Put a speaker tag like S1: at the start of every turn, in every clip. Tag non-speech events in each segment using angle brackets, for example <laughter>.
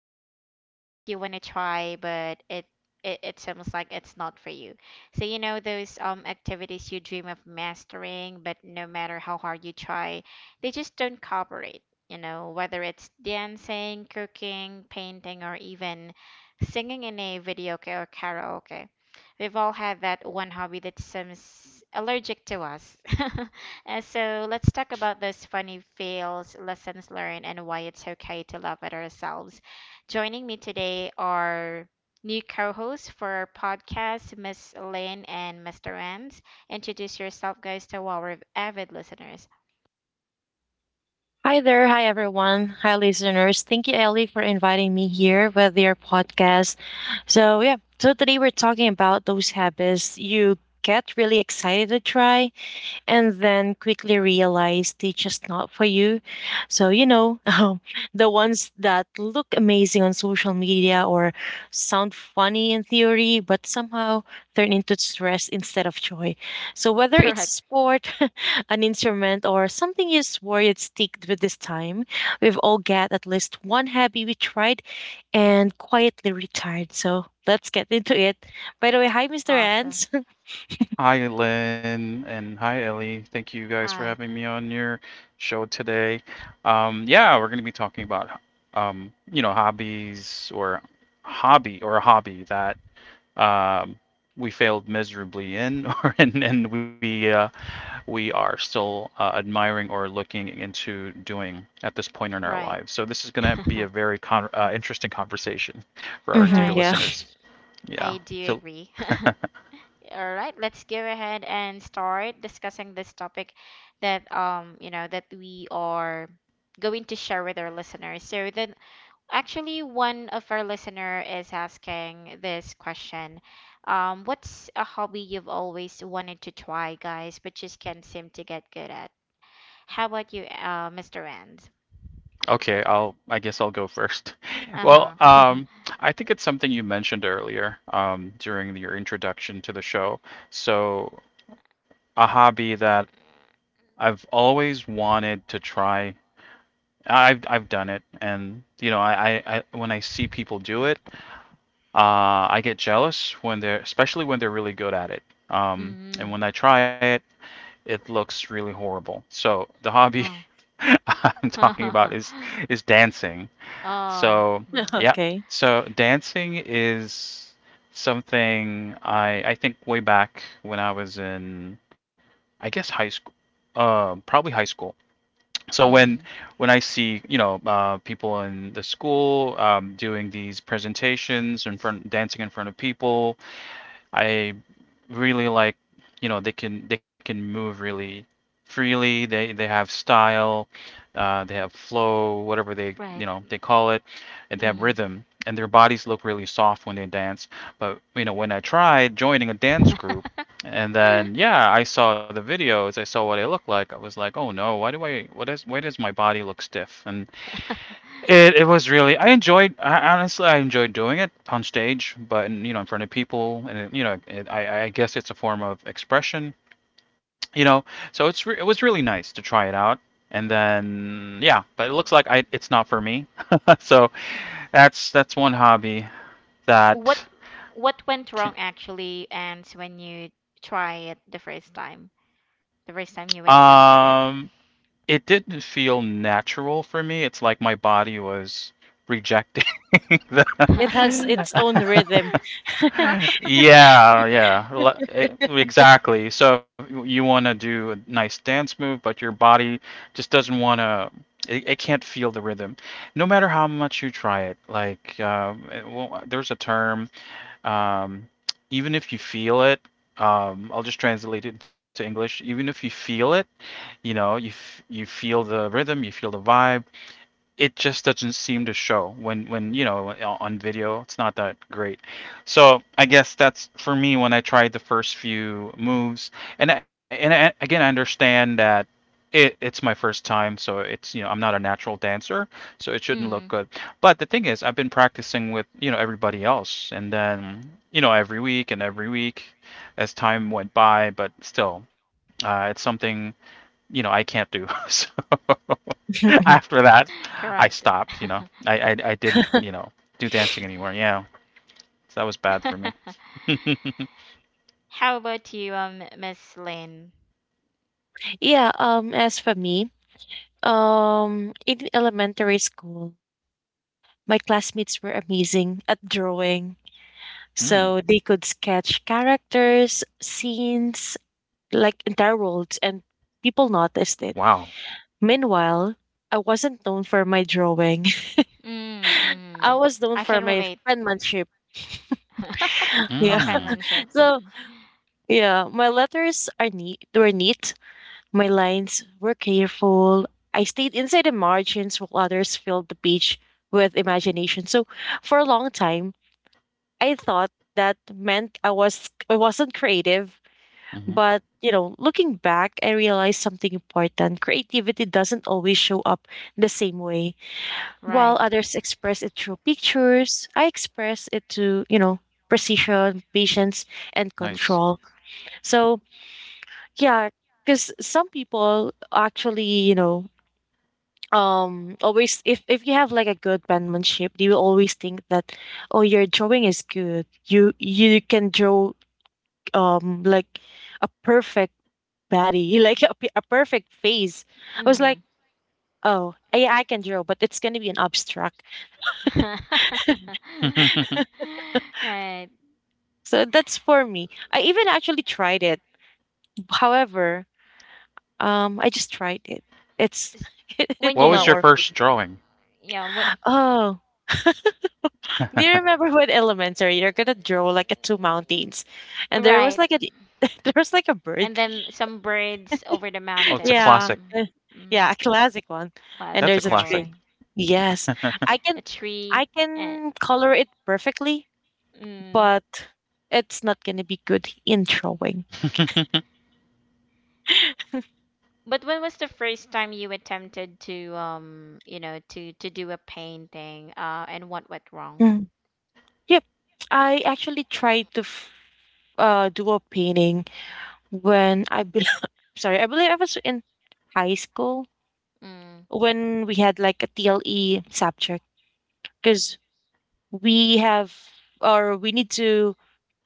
S1: You know, the hobbies you want to try, but it seems like it's not for you. So, you know, those activities you dream of mastering, but no matter how hard you try, they just don't cooperate. You know, whether it's dancing, cooking, painting, or even singing in a video ca- or karaoke. We've all had that one hobby that seems allergic to us. <laughs> And so let's talk about those funny fails, lessons learned, and why it's okay to laugh at ourselves. Joining me today are new co-hosts for our podcast, Miss Lynn and Mr. Renz. Introduce yourself, guys, to our avid listeners.
S2: Hi there. Hi, everyone. Hi, listeners. Thank you, Ellie, for inviting me here with your podcast. So today we're talking about those habits you get really excited to try, and then quickly realized it's just not for you. So, you know, <laughs> the ones that look amazing on social media or sound funny in theory, but somehow turn into stress instead of joy. So,
S1: <laughs>
S2: whether it's a
S1: Correct.
S2: sport, <laughs> an instrument, or something you swore you'd stick with this time, we've all got at least one hobby we tried and quietly retired. So, let's get into it. By the way, hi, Mr.
S1: Awesome.
S2: Ans.
S3: Hi, Lynn, and hi, Ellie. Thank you guys for
S1: Hi.
S3: having me on your show today. Yeah, we're going to be talking about, hobbies or hobby or a hobby that um, we failed miserably in, <laughs> or and we are still admiring or looking into doing at this point in our
S1: Right.
S3: lives. So this is going to
S1: <laughs>
S3: be a very con interesting conversation
S2: <laughs>
S3: for our
S2: Hmm,
S3: dear
S1: Right.
S2: yeah.
S3: listeners.
S1: I
S3: Yeah.
S1: do
S3: So
S1: agree. All right, let's go ahead and start discussing this topic that that we are going to share with our listeners. So then actually one of our listener is asking this question. What's a hobby you've always wanted to try, guys, but just can't seem to get good at? How about you, Mr. Rand?
S3: okay, I guess I'll go first. <laughs> Well,
S1: Uh-huh. <laughs>
S3: um, I think it's something you mentioned earlier during your introduction to the show. So, a hobby that I've always wanted to try. I've done it, and you know, I when I see people do it, I get jealous when they're, especially when they're really good at it. And
S1: Mm-hmm.
S3: when I try it, it looks really horrible. So the hobby <laughs> I'm talking about
S1: Oh.
S3: is
S1: <laughs>
S3: dancing.
S1: Oh.
S3: So
S1: Mm-hmm.
S2: <laughs>
S3: yeah,
S2: Okay.
S3: so dancing is something I think way back when I was in, I guess, high school, um, probably high school. So when
S1: Mm-hmm.
S3: when I see people in the school doing these presentations in front, dancing in front of people, I really like, you know, they can move really freely. They have style, they have flow, whatever they you
S1: Right.
S3: know they call it, and they have rhythm. And their bodies look really soft when they dance. But you know, when I tried joining a dance group,
S1: Mm-hmm.
S3: and
S1: <laughs>
S3: then
S1: <laughs>
S3: yeah, I saw the videos, I saw what it looked like. I was like, oh no, why do I what is why does my body look stiff? And it was really honestly, I enjoyed doing it on stage, but you know in front of people and it, you know it, I guess it's a form of expression, you know. So it was really nice to try it out, and then yeah, but it looks like I it's not for me. <laughs> So that's one hobby
S1: What
S3: that
S1: went wrong
S3: can,
S1: actually, and when you try it the first time you attempted it.
S3: um it didn't feel natural for me. It's like my body was rejecting <laughs> the
S2: It has
S1: <laughs>
S2: its own
S3: <laughs>
S2: rhythm.
S3: yeah, exactly. So you want to do a nice dance move, but your body just doesn't want to. It can't feel the rhythm, no matter how much you try it. Like, well, there's a term. Um, Even if you feel it, I'll just translate it into English. Even if you feel it, you know, you feel the rhythm, you feel the vibe. It just doesn't seem to show when you know on video it's not that great. So I guess that's for me. When I tried the first few moves again, I understand that it's my first time so it's, you know, I'm not a natural dancer, so it shouldn't look
S1: Mm,
S3: good. But the thing is I've been practicing with, you know, everybody else and then, you know, every week as time went by, but still it's something, you know, I can't do. <laughs> So <laughs> after
S2: <laughs>
S3: that, I
S1: correct.
S3: stopped. I didn't, you know, do dancing anymore. Yeah, so that was bad for me.
S1: <laughs>
S3: <laughs> Mm,
S1: How about you, Miss Lynn?
S2: Yeah, as for me, in elementary school, my classmates were amazing at drawing. So they could sketch characters, scenes, like entire worlds, and people noticed it.
S3: wow.
S2: Meanwhile, I wasn't known for my drawing. <laughs>
S1: Mm, mm,
S2: I was known
S1: I can
S2: for my
S1: relate. <laughs>
S2: penmanship.
S1: Oh,
S2: Yeah.
S3: Mm,
S1: penmanship.
S2: <laughs> So
S1: Mm,
S2: yeah, my letters are neat were neat. My lines were careful. I stayed inside the margins while others filled the page with imagination. So for a long time, I thought that meant I wasn't creative.
S3: hmm. Mm-hmm.
S2: But you know, looking back, I realized something important. Creativity doesn't always show up the same way. While
S1: right.
S2: others express it through pictures, I express it to, you know, precision, patience, and
S3: Nice.
S2: control. So yeah, because some people actually, you know, always, if you have like a good penmanship, they will always think that, oh, your drawing is good, you can draw, like a perfect body, <laughs> like a perfect face. I was
S1: Hmm.
S2: like, oh yeah, I can draw but it's going to be an abstract.
S1: <laughs>
S3: <laughs>
S1: Right.
S2: So that's for me. I even actually tried it, however, I just tried it. It's
S1: S-
S2: <laughs> it
S1: When
S3: What
S2: will
S3: was
S2: not
S3: your
S1: you
S2: work for
S3: first
S2: me.
S3: drawing?
S1: yeah, what,
S2: Oh,
S3: <laughs>
S2: do you
S3: Oh,
S2: remember <laughs> when elementary you're gonna draw like a two mountains, and there was
S1: right.
S2: like a <laughs> there was like a bird,
S1: And then some birds over the
S3: it's a classic.
S1: mountains.
S2: yeah,
S1: Mm,
S2: yeah,
S1: mm,
S2: a classic one, and
S3: That's a
S1: classic
S2: there's a
S3: classic.
S2: tree.
S1: drawing.
S2: Yes,
S3: <laughs>
S2: I
S1: A
S2: can I
S1: tree and
S2: can color it perfectly,
S1: mm.
S2: but it's not gonna be good in drawing.
S1: But when was the first time you attempted to you know, to do a painting and what went wrong?
S2: Mm. Yep, I actually tried to do a painting when I believe, <laughs> sorry, I believe I was in high school
S1: Mm,
S2: when we had like a TLE subject because we have or we need to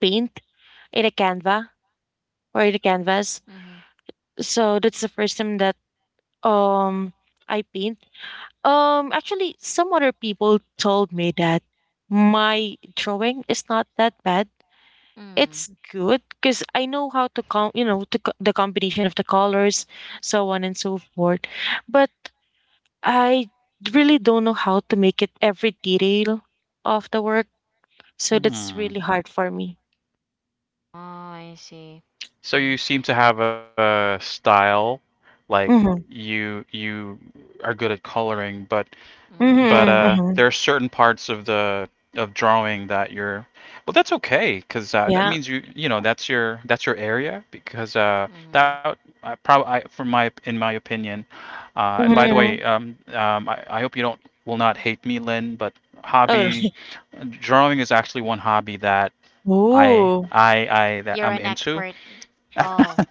S2: paint in a canva or in a canvas.
S1: mm-hmm,
S2: So that's the first time that um I paint. Um, actually some other people told me that my drawing is not that bad.
S1: mm.
S2: It's good because I know how to com you know to co- the combination of the colors, so on and so forth. But I really don't know how to make it every detail of the work, so that's
S3: Hmm.
S2: really hard for me.
S1: Oh, I see.
S3: So you
S1: Mm,
S3: seem to have a style, like
S2: Mhm.
S3: you are good at coloring, but
S1: mm,
S2: Mhm,
S3: there
S2: mhm,
S3: are certain parts of the of drawing that you're well that's okay because that
S2: yeah.
S3: means you you know that's your area because
S1: mm-hmm.
S3: that I probably I, from my in my opinion and
S2: Mhm,
S3: by the way
S2: mhm.
S3: I hope you don't will not hate me, Lynn, but
S2: Oh.
S3: hobby
S2: <laughs>
S3: drawing is actually one hobby that I
S2: Ooh.
S3: I I that
S1: You're
S3: I'm
S1: an
S3: into.
S1: expert. Oh,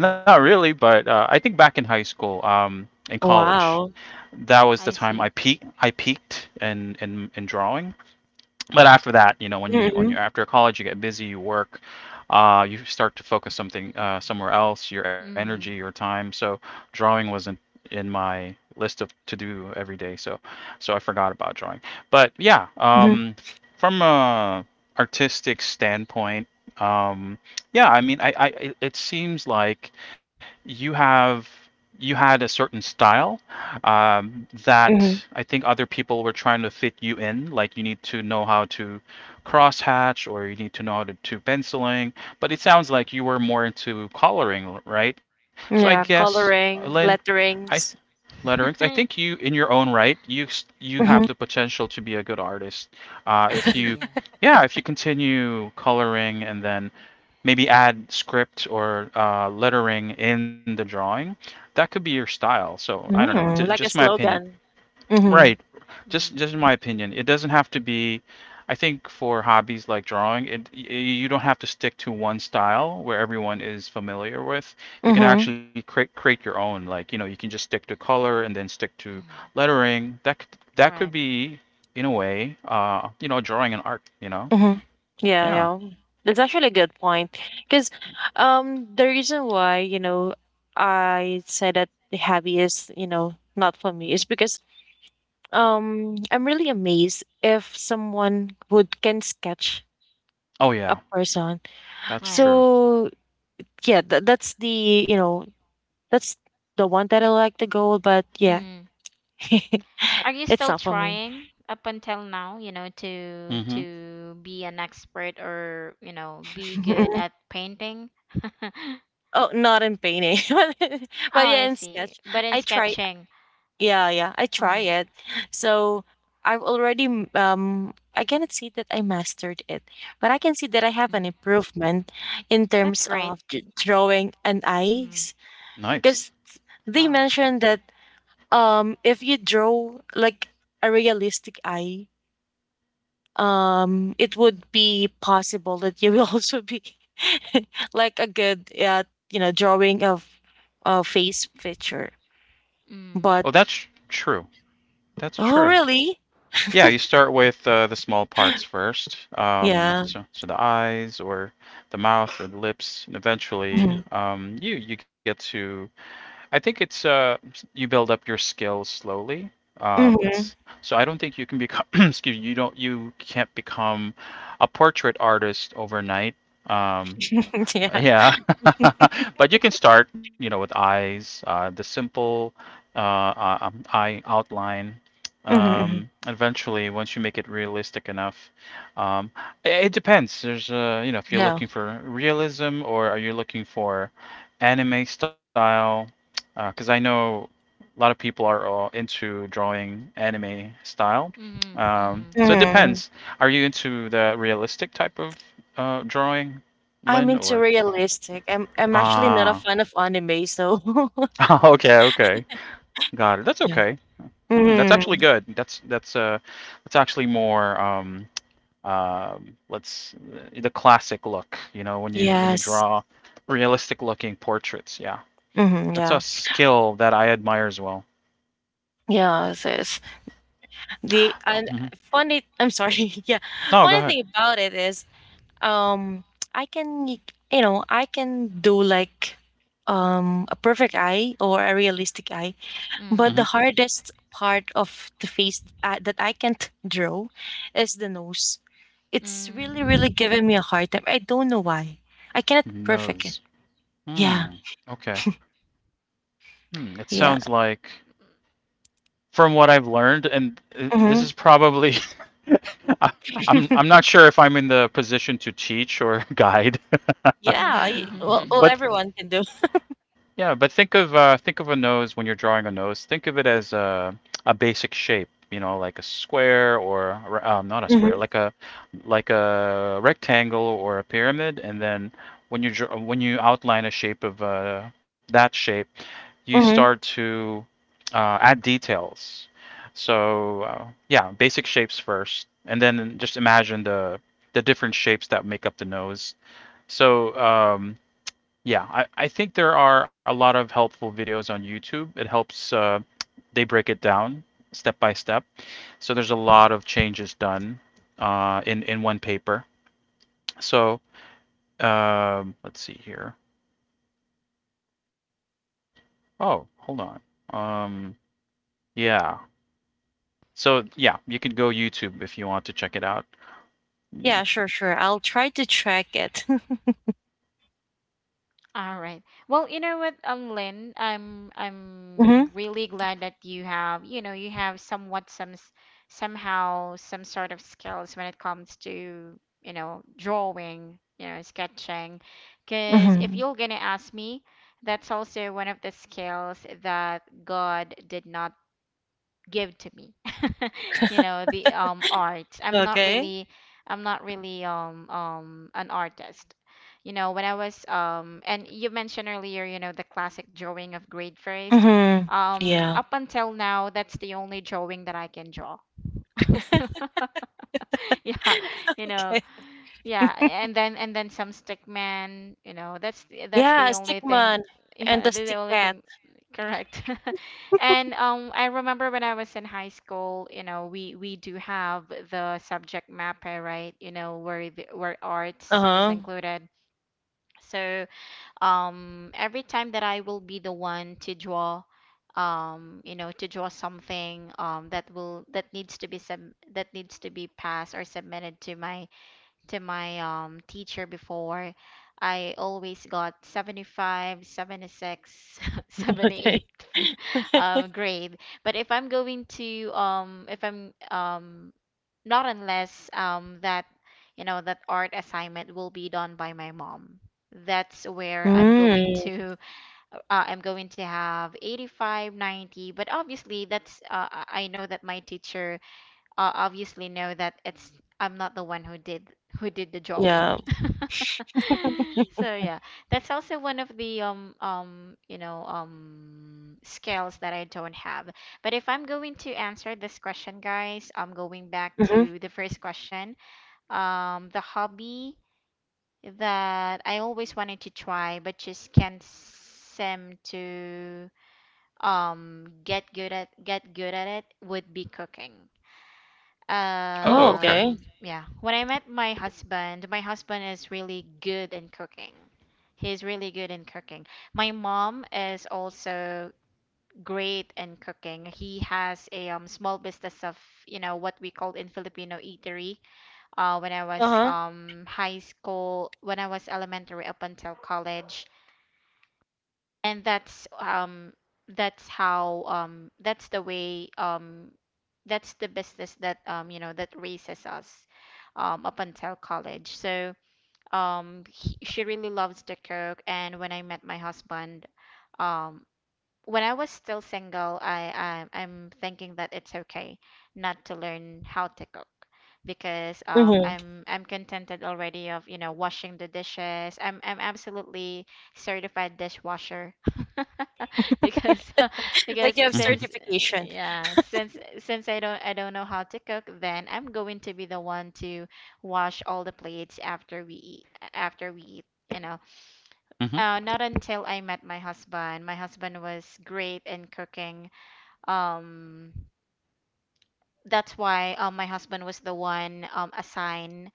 S3: Well, not
S1: mm,
S3: really, but I think back in high school, in college,
S2: Wow.
S3: that was the
S1: I
S3: time
S1: see.
S3: I peaked in drawing. But after that, you know, when you when
S2: Mhm,
S3: you're after college, you get busy, you work, you start to focus something somewhere else, your energy, your
S1: Mm,
S3: time. So drawing wasn't in my list of to do every day. So I forgot about drawing. But yeah,
S2: mhm,
S3: from a artistic standpoint, um, yeah, I mean, I it it seems like you have you had a certain style that
S2: mhm.
S3: I think other people were trying to fit you in. Like you need to know how to crosshatch or you need to know how to do penciling. But it sounds like you were more into coloring, right? So I
S2: Yeah,
S1: mm.
S3: guess, Lynn,
S2: coloring,
S3: I th-
S2: letterings.
S3: letterings. I think you,
S1: <laughs>
S3: in your own right, you have the
S2: Mhm.
S3: potential to be a good artist. If you,
S1: Yes.
S3: yeah, if you continue coloring and then maybe add script or lettering in the drawing, that could be your style. So I don't know,
S2: Mm,
S3: just
S2: like a
S3: my opinion.
S2: slogan.
S3: Right.
S2: Mhm,
S1: Mm.
S3: Just in my opinion, it doesn't have to be. I think for hobbies like drawing, you don't have to stick to one style where everyone is familiar with. You can
S2: mhm,
S3: actually create your own. Like, you know, you can just stick to color and then stick to
S1: Mm,
S3: lettering. That could
S1: right.
S3: be, in a way, you know, drawing and art, you know?
S2: mhm. Yeah,
S3: Yeah.
S2: yeah. That's actually a good point. Because the reason why, you know, I say that the hobby is, you know, not for me is because I'm really amazed if someone would can sketch
S3: Oh
S2: a
S3: yeah,
S2: person.
S3: that's
S1: Right.
S3: true.
S2: So yeah, th- that's the you know, that's the one that I like to go, but yeah,
S1: Mm.
S2: <laughs>
S1: Are you
S2: it's
S1: still
S2: not for me.
S1: trying up until now, you know, to
S3: Mm-hmm.
S1: be an expert or, you know, be good
S2: <laughs>
S1: at painting? <laughs>
S2: Oh, not in painting, <laughs>
S1: Oh,
S2: but yeah,
S1: I
S2: in
S1: see.
S2: sketch,
S1: But in
S2: I try.
S1: sketching.
S2: Yeah, yeah, I try
S1: Mm,
S2: it. So I've already m- um I cannot see that I mastered it, but I can see that I have an
S1: mm.
S2: improvement in
S1: That's
S2: terms
S1: great.
S2: of drawing and
S1: Mm.
S2: eyes.
S3: Nice.
S2: Because they
S1: Wow.
S2: mentioned that if you draw like a realistic eye, it would be possible that you <laughs> will also be <laughs> like a good you know, drawing of a face picture,
S1: Mm.
S3: Oh,
S2: but
S3: that's true. That's
S2: oh
S3: true.
S2: really.
S3: Yeah, you start with the small parts first.
S2: Yeah.
S3: So, so the eyes or the mouth or the lips, and eventually,
S2: Hmm.
S3: you you get to. I think it's you build up your skills slowly. That's
S2: Hmm.
S3: so. I don't think you can become. <clears throat> Excuse me. You don't. You can't become a portrait artist overnight. Um,
S2: <laughs> Yeah.
S3: yeah, <laughs> but you can start, you know, with eyes, the simple eye outline.
S2: Hmm.
S3: Eventually, once you make it realistic enough, um, it it depends. There's, you know, if you're
S2: Yeah.
S3: looking for realism or are you looking for anime style? Because I know a lot of people are all into drawing anime style.
S1: Mm-hmm. Mm-hmm.
S3: So it
S2: Hmm.
S3: depends. Are you into the realistic type of drawing,
S2: i'm
S3: Lynn,
S2: into
S3: or?
S2: realistic i'm i'm actually not a
S3: Ah,
S2: fan of anime so
S3: <laughs> okay, okay,
S2: <laughs>
S3: got it. That's
S2: yeah.
S3: okay. Mm, that's
S2: Hmm.
S3: actually good. That's actually more let's the classic look. You know, when you
S2: Yes.
S3: draw realistic looking portraits. Yeah,
S2: Hmm.
S3: that's a
S2: Yeah.
S3: skill that I admire as well.
S2: Yeah, this the and
S3: Oh, mhm.
S2: Funny. I'm sorry. <laughs> Yeah, funny
S3: No, go
S2: thing
S3: ahead.
S2: about it is, Um, I can, you know, I can do like a perfect eye or a realistic eye, but
S3: Hmm.
S1: Mm.
S2: the hardest part of the face that I can't draw is the nose. It's really, really
S1: Mm.
S2: giving me a hard time. I don't know why. I cannot perfect it.
S3: Nose.
S2: Yeah,
S3: Hmm. Okay. Hmm. It sounds
S2: yeah.
S3: like from what I've learned, and this
S2: Hmm.
S3: is probably <laughs> I- I'm
S2: <laughs>
S3: not sure if I'm in the position to teach or guide, <laughs>
S2: Yeah, I, well,
S1: <laughs>
S2: well,
S3: but
S2: everyone can do.
S3: yeah, but think of a nose when you're drawing a nose. Think of it as a basic shape, you know, like a square or a re- not a
S2: Hmm.
S3: square, like a rectangle or a pyramid. And then when you draw, when you outline a shape of that shape, you start
S2: Hmm.
S3: to add details. So yeah, basic shapes first, and then just imagine the different shapes that make up the nose. So yeah, I think there are a lot of helpful videos on YouTube. It helps, they break it down step by step, so there's a lot of changes done in one paper. So let's see here. Oh, hold on. um, yeah, so yeah, you can go YouTube if you want to check it out. Mm.
S2: Yeah, sure, sure. I'll try to track it. <laughs>
S1: All right. Well, you know what, Lynn, I'm
S2: Hmm.
S1: really glad that you have, you know, you have somewhat some s- somehow some sort of skills when it comes to, you know, drawing, you know, sketching. Because if
S2: Hmm.
S1: you're gonna ask me, that's also one of the skills that God did not give to me. <laughs> You know, the art. i'm not
S2: Okay.
S1: really i'm not really um um an artist. You know, when I was and you mentioned earlier, you know, the classic drawing of grade first,
S2: Hmm. Yeah.
S1: up until now, that's the only drawing that I can draw. <laughs> Yeah, you know, yeah, and then some stick man, you know, that's
S2: Yeah,
S1: the
S2: stick
S1: only thing.
S2: man
S1: <laughs>
S2: and
S1: Yeah,
S2: the
S1: that's the
S2: stick
S1: only
S2: cat.
S1: thing, correct. <laughs> And I remember when I was in high school, you know, we do have the subject map, eh, right? You know, where the, where arts is
S2: Uh-huh. <laughs>
S1: included. So, every time that I will be the one to draw, you know, to draw something that will that needs to be passed or submitted to my teacher before, I always got 75, 76, seventy
S2: Okay.
S1: eight, <laughs> <laughs>
S2: <laughs>
S1: grade. But if I'm going to if I'm not unless that, you know, that art assignment will be done by my mom. That's where
S2: Mm,
S1: I'm going to have 85, 90. But obviously that's I know that my teacher obviously know that it's I'm not the one who did the drawing.
S2: yeah.
S1: <laughs> So yeah, that's also one of the you know, skills that I don't have. But if I'm going to answer this question, guys, I'm going back
S2: Mm-hmm.
S1: to the first question. The hobby that I always wanted to try but just can't seem to get good at it would be cooking.
S3: Oh,
S2: Oh,
S3: okay.
S2: okay.
S1: Yeah, when I met my husband is really good in cooking. He's really good in cooking. My mom is also great in cooking. He has a small business of, you know, what we call in Filipino eatery. When I was
S2: Uh-huh.
S1: high school, when I was elementary up until college, and that's how that's the business that, you know, that raises us up until college. So she really loves to cook. And when I met my husband, um when I was still single, I'm thinking that it's okay not to learn how to cook because
S2: Mm-hmm.
S1: I'm contented already of, you know, washing the dishes. I'm absolutely certified dishwasher. <laughs> <laughs> Because <laughs> because
S2: Like you have
S3: Mm-hmm.
S1: since
S2: certification.
S1: yeah, since I don't know how to cook, then I'm going to be the one to wash all the plates after we eat, you know. Not until I met my husband. My husband was great in cooking, um that's why, my husband was the one, assigned,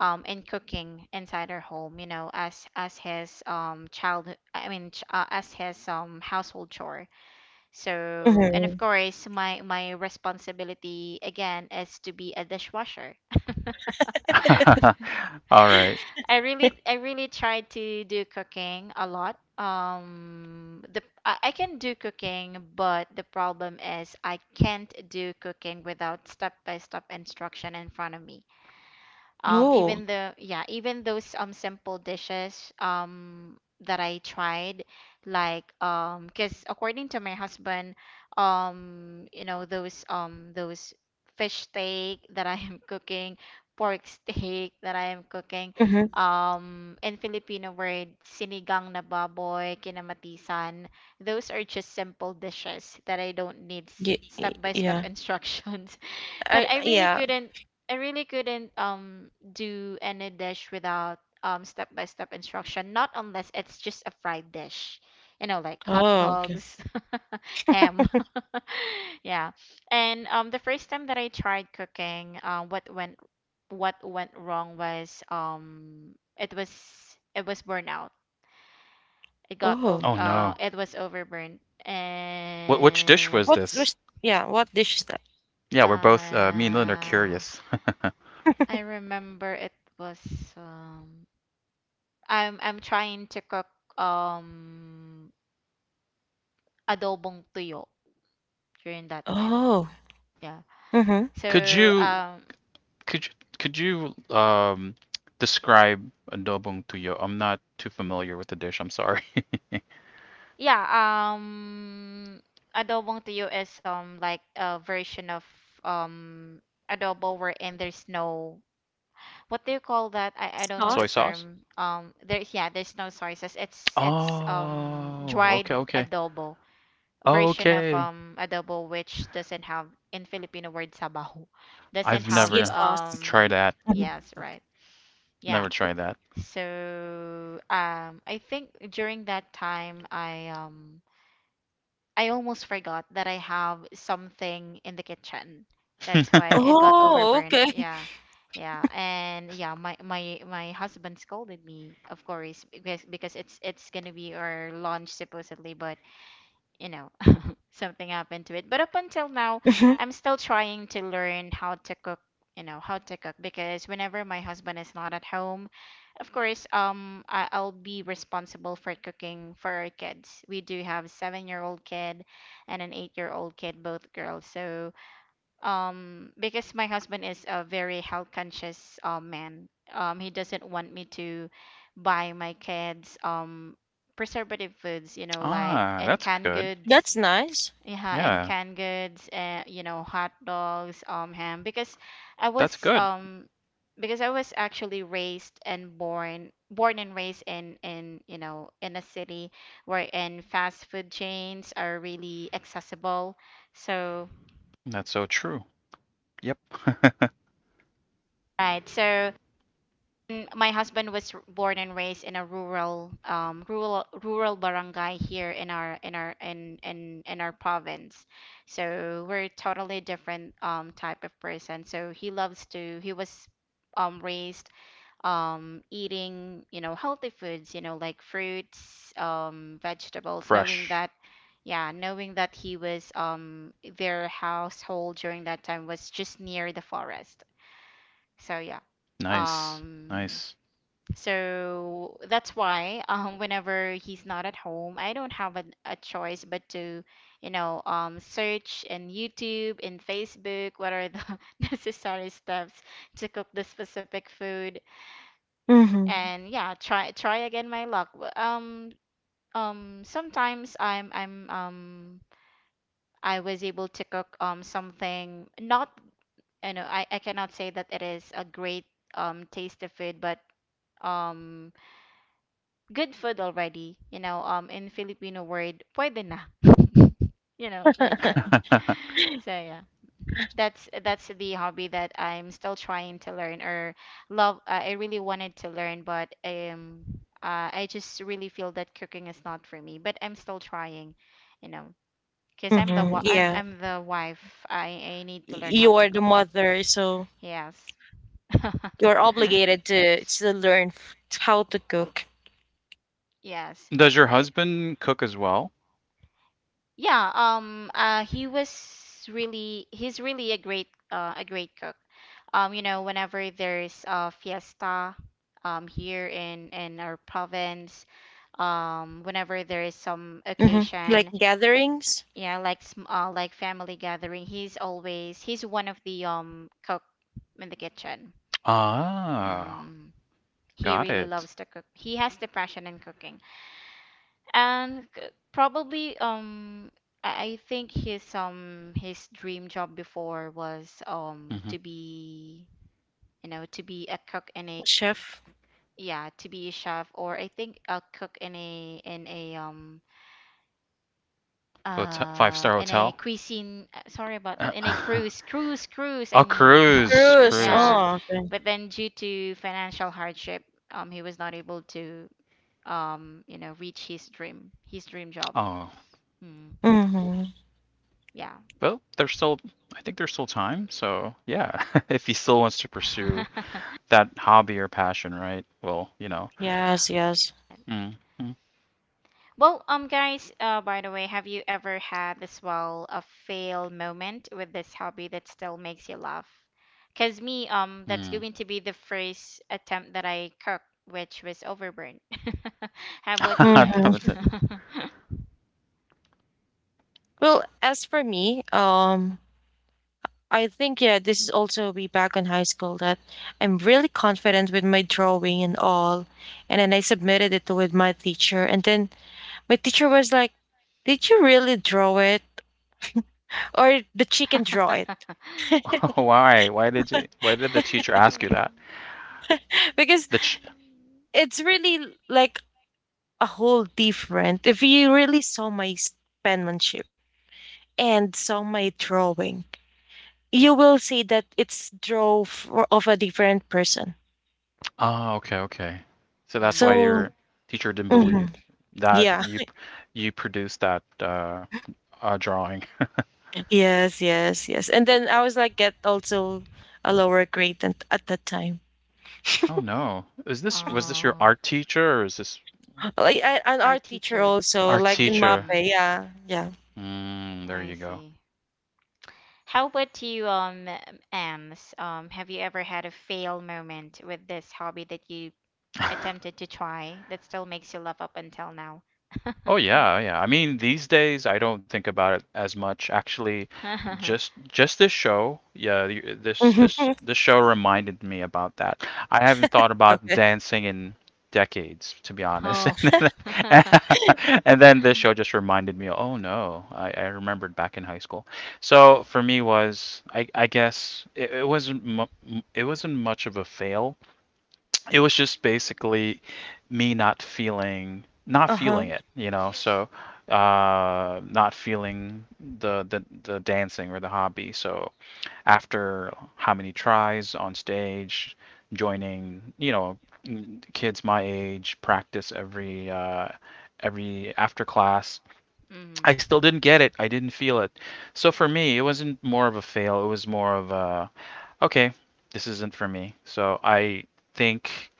S1: in cooking inside our home, you know, as his child I mean ch- as his household chore. So, and
S2: Mm-hmm.
S1: of course, my responsibility again is to be a dishwasher.
S3: Mm-hmm.
S1: <laughs>
S3: <laughs> All right.
S1: I really
S2: <laughs>
S1: I really try to do cooking a lot. The I can do cooking, but the problem is I can't do cooking without step-by-step instruction in front of me.
S2: No.
S1: Even the yeah, even those simple dishes that I tried, like because according to my husband, you know, those fish steak that I am <laughs> cooking, pork steak that I am cooking,
S2: Mm-hmm.
S1: in Filipino word sinigang na baboy, kinamatisan. Those are just simple dishes that I don't need step by step <laughs>
S2: Yeah.
S1: instructions, but
S2: I
S1: I really
S2: yeah.
S1: couldn't, do any dish without step by step instruction, not unless it's just a fried dish. You know, like hot
S2: Oh, okay.
S1: dogs, <laughs> ham. <laughs> Yeah. And the first time that I tried cooking, what went wrong was it was burnout. It got
S2: Oh.
S1: over
S3: Oh no.
S1: it was overburned.
S3: Wh- which dish was
S1: And
S2: What's
S3: this?
S2: this? Yeah, what dish is that?
S3: Yeah, we're both me and Lynn are
S1: uh
S3: curious.
S1: I remember it was um I'm trying to cook um adobong tuyo during that time.
S2: Oh.
S1: Yeah.
S2: Mm-hmm.
S3: <laughs>
S1: So
S3: could you
S1: um
S3: Could you could you describe adobong tuyo? I'm not too familiar with the dish. I'm sorry.
S1: yeah, adobong tuyo is like a version of um adobo wherein there's no, what do you call that? I don't
S3: <laughs>
S1: know
S3: Soy
S1: the
S2: Sauce?
S3: sauce?
S1: term. There's yeah, there's no soy sauce. It's
S3: Oh,
S1: dried
S3: okay, okay.
S1: adobo, version of
S3: Okay.
S1: adobo, which doesn't have, in Filipino word, sabaw. <laughs> Doesn't
S3: I've
S1: have
S2: Yeah,
S3: never
S2: sauce.
S3: tried that.
S2: Mhm.
S1: yes, right,
S3: Never
S1: yeah.
S3: tried that.
S1: So I think during that time I almost forgot that I have something in the kitchen, that's why
S3: <laughs>
S1: it got
S2: Oh,
S1: overburned.
S2: okay.
S1: Yeah, yeah, and yeah, my husband scolded me, of course, because it's gonna be our lunch supposedly, but you know, something happened to it. But up until now,
S2: <laughs>
S1: I'm still trying to learn how to cook, you know, how to cook, because whenever my husband is not at home, of course, I'll be responsible for cooking for our kids. We do have 7-year-old kid and an 8-year-old kid, both girls. So because my husband is a very health conscious man. He doesn't want me to buy my kids preservative foods, you know, like
S3: Ah,
S1: and
S3: that's
S1: canned
S3: good.
S1: goods.
S2: That's nice.
S1: Yeah, and
S3: Yeah,
S1: canned goods, you know, hot dogs, ham. I
S3: that's
S1: was
S3: good.
S1: um, because I was actually raised and born, born and raised in you know, in a city wherein fast food chains are really accessible. So
S3: That's so true. Yep.
S1: right, so mm. My husband was born and raised in a rural, rural barangay here in our in our in our province. So we're totally different type of person. So he loves to. He was raised eating, you know, healthy foods, you know, like fruits, vegetables, knowing
S3: Fresh.
S1: that yeah, knowing that he was their household during that time was just near the forest. So yeah,
S3: Nice.
S1: um
S3: Nice.
S1: so that's why, whenever he's not at home, I don't have a choice but to, you know, search in YouTube, in Facebook, what are the <laughs> necessary steps to cook the specific food,
S2: Mhm.
S1: and yeah, try again my luck. Sometimes I was able to cook something not, you know, I cannot say that it is a great taste of food, but um. good food already, you know, in Filipino word, pwede na, <laughs> you know, like that.
S3: <laughs>
S1: <laughs> So yeah. That's the hobby that I'm still trying to learn or love. I really wanted to learn But I just really feel that cooking is not for me, but I'm still trying, you know, because I'm
S2: Mhm.
S1: I'm
S2: Yeah.
S1: I'm the wife. I need to learn how
S2: You
S1: to
S2: are the
S1: cook.
S2: mother, so
S1: Yes. <laughs>
S2: you're obligated to learn how to cook.
S1: Yes,
S3: Does
S1: that's
S3: your
S1: right.
S3: husband cook as well?
S1: Yeah, he's really a great, a great cook. Whenever there's a fiesta here in our province, whenever there is some
S2: Mhm. Like
S1: occasion,
S2: gatherings.
S1: yeah, like like family gathering, he's one of the cook in the kitchen.
S3: Ah,
S1: Mm. He
S3: got
S1: really
S3: it.
S1: loves to cook. He has the passion in cooking. And c- probably I think his dream job before was
S3: Mm-hmm.
S1: to be, to be a cook in a,
S2: Chef.
S1: yeah, to be a chef, or I think a cook in a,
S3: <laughs> Hotel, five-star
S1: in a
S3: hotel.
S1: cuisine, sorry about that, in a
S3: <laughs>
S1: cruise, I
S3: Oh,
S1: mean.
S3: cruise,
S1: <laughs>
S2: Cruise.
S3: cruise.
S1: Yeah,
S2: Oh, okay.
S1: but then, due to financial hardship, he was not able to, reach his dream job.
S3: Oh,
S1: Mm,
S2: Mhm.
S1: yeah.
S3: well, there's still, I think there's still time. So yeah, <laughs> if he still wants to pursue
S1: <laughs>
S3: that hobby or passion, right? Well, you know.
S2: Yes, yes.
S3: Mm, mm,
S1: Well, guys, by the way, have you ever had as well a fail moment with this hobby that still makes you laugh? 'Cause me, that's
S3: mm.
S1: going to be the first attempt that I cooked, which was overburned. <laughs> How about you
S3: <laughs>
S1: guys?
S3: That
S2: Mhm.
S3: was it.
S1: <laughs>
S2: Well, as for me, I think yeah, this is also be back in high school that I'm really confident with my drawing and all, and then I submitted it with my teacher, and then my teacher was like, "Did you really draw it?" or the chicken joint
S3: <laughs> Why? Why did you? Why did the teacher ask you that?
S1: Mm.
S2: because
S3: The ch-
S2: it's really like a whole different. If you really saw my penmanship and saw my drawing, you will see that it's draw for, of a different person.
S3: oh, okay, okay. So that's why
S1: Mm.
S2: So
S3: your teacher didn't
S2: mhm,
S3: believe that
S2: yeah.
S3: you produced that drawing. <laughs>
S2: Yes, yes, yes. And then I was like get also a lower grade at that time.
S3: Oh no, is this was this your
S1: Oh,
S3: art teacher or is this
S2: Like I, an
S1: our
S2: art teacher
S1: teacher.
S2: also
S3: art
S2: like in mape,
S3: teacher?
S1: Mm,
S2: yeah, yeah.
S3: Mm, there
S1: I
S3: you go.
S1: see. How about you, Ams? Have you ever had a fail moment with this hobby that you attempted to try that still makes you laugh up until now? <laughs>
S3: Oh yeah, yeah. I mean, these days I don't think about it as much. Actually, just this show, yeah, this
S2: <laughs>
S3: this
S2: Okay.
S3: this show reminded me about that. I haven't thought about dancing in decades, to be honest.
S1: Oh.
S3: <laughs> And then,
S1: <laughs>
S3: and then this show just reminded me, oh no, I remembered back in high school. So for me was, I guess it wasn't it wasn't much of a fail. It was just basically me not
S2: Uh-huh.
S3: feeling it. So not feeling the dancing or the hobby. So after how many tries on stage, joining, kids my age practice every after class.
S1: Mm.
S3: I still didn't get it, I didn't feel it. So for me it wasn't more of a fail, it was more of a, okay, this isn't for me. So I think,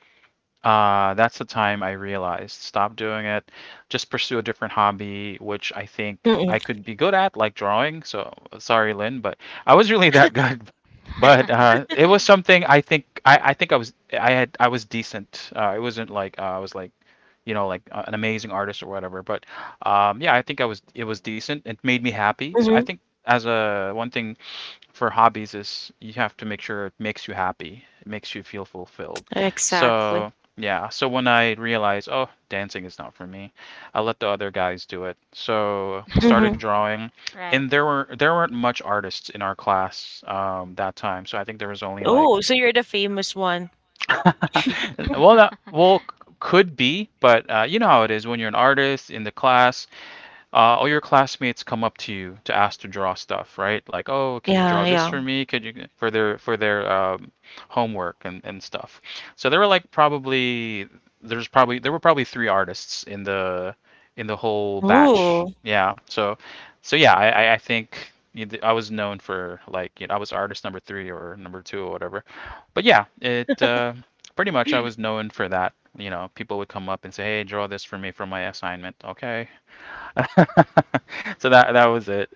S3: that's the time I realized stop doing it. Just pursue a different hobby, which I think
S2: Mm-mm.
S3: I could be good at, like drawing. So sorry, Lynn, but I was really that good. <laughs> But it was
S1: <laughs>
S3: something I think I was decent. It wasn't like I was like, you know, like an amazing artist or whatever. But yeah, I think I was it was decent. It made me happy. So I
S2: Hmm.
S3: think as a one thing for hobbies is you have to make sure it makes you happy, it makes you feel fulfilled.
S2: Exactly.
S3: So yeah, so when I realized, oh, dancing is not for me, I let the other guys do it. So started
S2: Mm-hmm.
S3: drawing,
S1: Right.
S3: and there weren't much artists in our class that time. So I think there was only like,
S2: Oh, so you're the famous one.
S3: <laughs> well, that well
S1: <laughs>
S3: could be, but you know how it is when you're an artist in the class. All your classmates come up to you to ask to draw stuff, right? Like, oh, can you
S2: Yeah,
S3: draw this
S2: yeah.
S3: for me? Could you for their homework and stuff? So there were like probably there were probably three artists in the whole batch.
S2: Oh.
S3: Yeah. So so yeah, I think, you know, I was known for like, you know, I was artist number three or number two or whatever. But yeah, it pretty much I was known for that. You know, people would come up and say, "Hey, draw this for me from my assignment." Okay. <laughs> So that was it.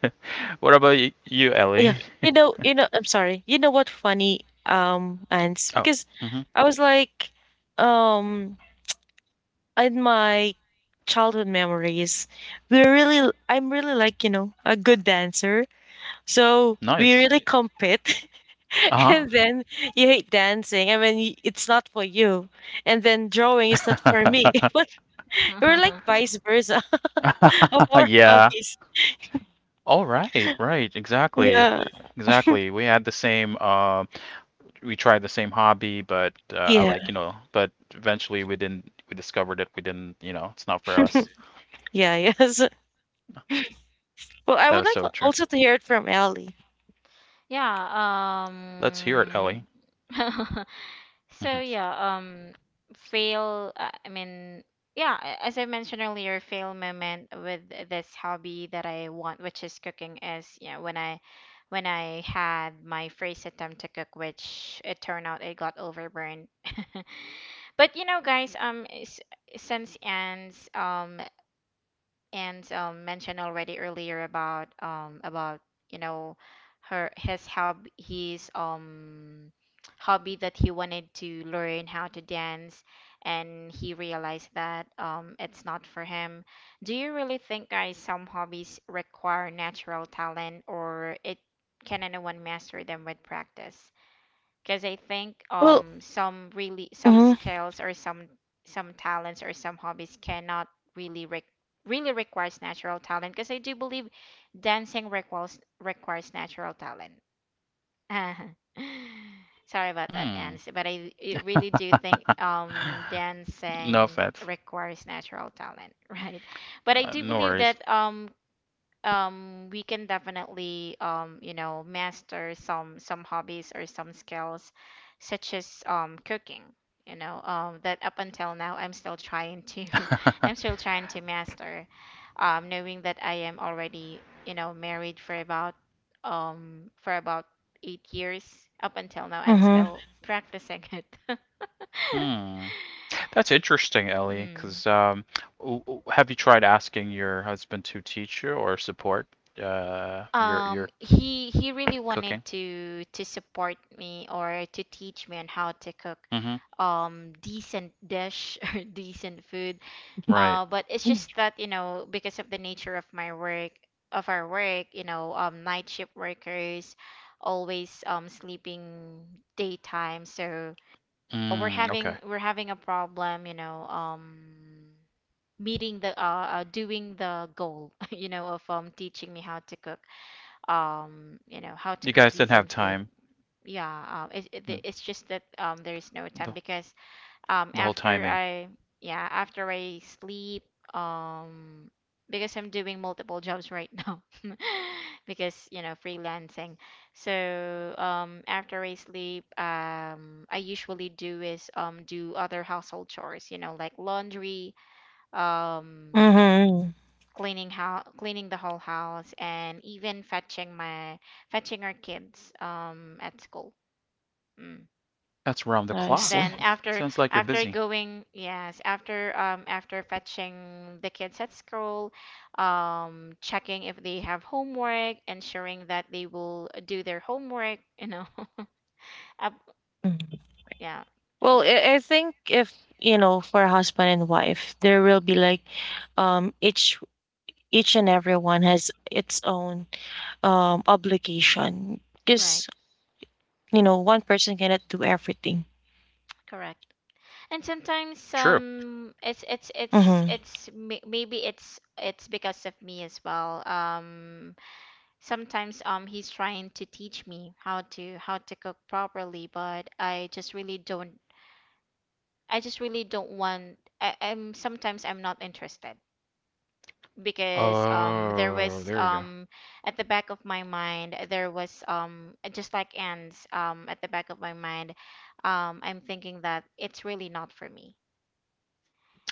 S3: <laughs> What about you, Ellie?
S2: Yeah. You know, I'm sorry. You know what funny, Ants?
S3: Oh,
S2: Because
S3: hmm,
S2: I was like, um, in my childhood memories, we're really, I'm really like, you know, a good dancer. So we
S3: nice.
S2: really compete. <laughs>
S3: Uh
S1: Oh.
S2: And then you hate dancing. I mean, it's not for you. And then drawing is not for me.
S3: huh.
S2: <laughs> But we're like
S1: <laughs>
S2: vice versa <laughs> of
S3: <laughs>
S2: our
S3: Yeah.
S2: hobbies.
S3: All right, right, exactly,
S2: Yeah.
S3: exactly. We had the same. We tried the same hobby, but I,
S2: Yeah,
S3: like, you know, but eventually we didn't. We discovered that. We didn't. You know, it's not for us.
S2: yeah, yes. <laughs> Well, I
S3: That
S2: would
S3: is
S2: like
S3: so true.
S2: also to hear it from Ellie.
S1: Yeah,
S3: Let's hear it, Ellie.
S1: <laughs>
S3: Hmm.
S1: so yeah, fail. I mean, yeah, as I mentioned earlier, fail moment with this hobby that I want, which is cooking, is, when I had my first attempt to cook, which it turned out it got overburned. <laughs> But you know, guys, since Anne's and, mentioned already earlier about, about, you know her, his hobby, his hobby that he wanted to learn how to dance, and he realized that it's not for him. Do you really think, guys, some hobbies require natural talent, or it can, anyone master them with practice? Because I think
S2: Well,
S1: some really, some
S2: mhm,
S1: skills or some, talents, or some hobbies cannot really really requires natural talent, because I do believe dancing requires natural talent. <laughs> Sorry about that,
S3: Mm,
S1: Ans, but I really do think
S3: no
S1: dancing
S3: offense.
S1: requires natural talent, <laughs> right? But I do
S3: No
S1: believe
S3: worries.
S1: that we can definitely, master some hobbies or some skills, such as cooking, that up until now I'm still trying to <laughs> I'm
S3: <laughs>
S1: still trying to master, knowing that I am already, you know, married for about, for about 8 years, up until now I'm
S2: mhm,
S1: still practicing it.
S3: Hmm. That's interesting,
S1: <laughs>
S3: Ellie,
S1: Mm.
S3: 'cause have you tried asking your husband to teach you or support your
S1: He, really wanted
S3: cooking?
S1: to support me, or to teach me on how to cook
S3: Mm-hmm.
S1: decent dish <laughs> or decent food,
S3: Right.
S1: but it's just that, you know, because of the nature of my work, of our work, you know, night shift workers, always sleeping daytime, so, we're
S3: Mm,
S1: having
S3: okay.
S1: we're having a problem, you know, meeting the, doing the goal, <laughs> you know, of teaching me how to cook, how to
S3: You
S1: cook
S3: guys didn't
S1: decent
S3: have
S1: food.
S3: time.
S1: Yeah,
S3: Hmm.
S1: it's just that there is no time,
S3: The
S1: because
S3: the whole
S1: after
S3: timing.
S1: I yeah, after I sleep, um because I'm doing multiple <laughs> jobs right now, <laughs> because, you know, freelancing. So after I sleep, I usually do is do other household chores, you know, like laundry, um
S2: mhm.
S1: cleaning the whole house, and even fetching our kids at school. Mm.
S3: That's around the
S2: I see.
S3: clock.
S1: Then after,
S3: Sounds like you're
S1: after
S3: busy.
S1: going yes, after, after fetching the kids at school, checking if they have homework, ensuring that they will do their homework, <laughs> up,
S2: Mhm.
S1: yeah,
S2: Well, I think if, you know, for a husband and wife, there will be like, um, each each and everyone has its own obligation
S1: right,
S2: because, you know, one person cannot do everything.
S1: correct. And sometimes
S3: True.
S2: Mm-hmm.
S1: maybe it's because of me as well, sometimes, he's trying to teach me how to cook properly, but I just really don't, I'm sometimes, I'm not interested, because there
S3: Oh,
S1: was,
S3: there you go.
S1: at the back of my mind, there was, just like Ants, at the back of my mind, I'm thinking that it's really not for me.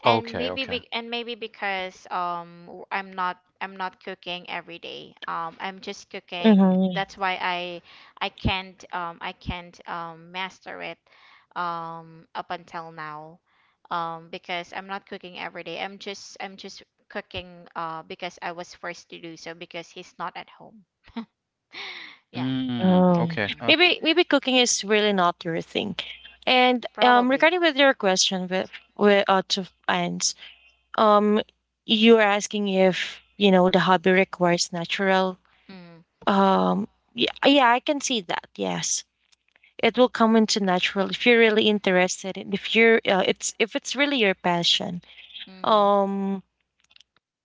S1: And
S3: Okay, okay.
S1: maybe, because I'm not, I'm not cooking every day. I'm just cooking.
S2: Mm-hmm.
S1: That's why I can't, I can't, master it, up until now. Because I'm not cooking every day. I'm just cooking, because I was forced to do so, because he's not at home. <laughs> Yeah.
S3: Mm,
S2: Um,
S3: okay.
S1: Mm,
S3: Okay.
S2: maybe maybe cooking is really not your thing. And
S1: probably.
S2: regarding with your question with to Ants, um, you are asking if you know the hobby requires natural.
S1: Mm,
S2: Um, yeah, yeah, I can see that. Yes, it will come into natural if you're really interested in, if you're it's if it's really your passion.
S1: mm.
S2: Um,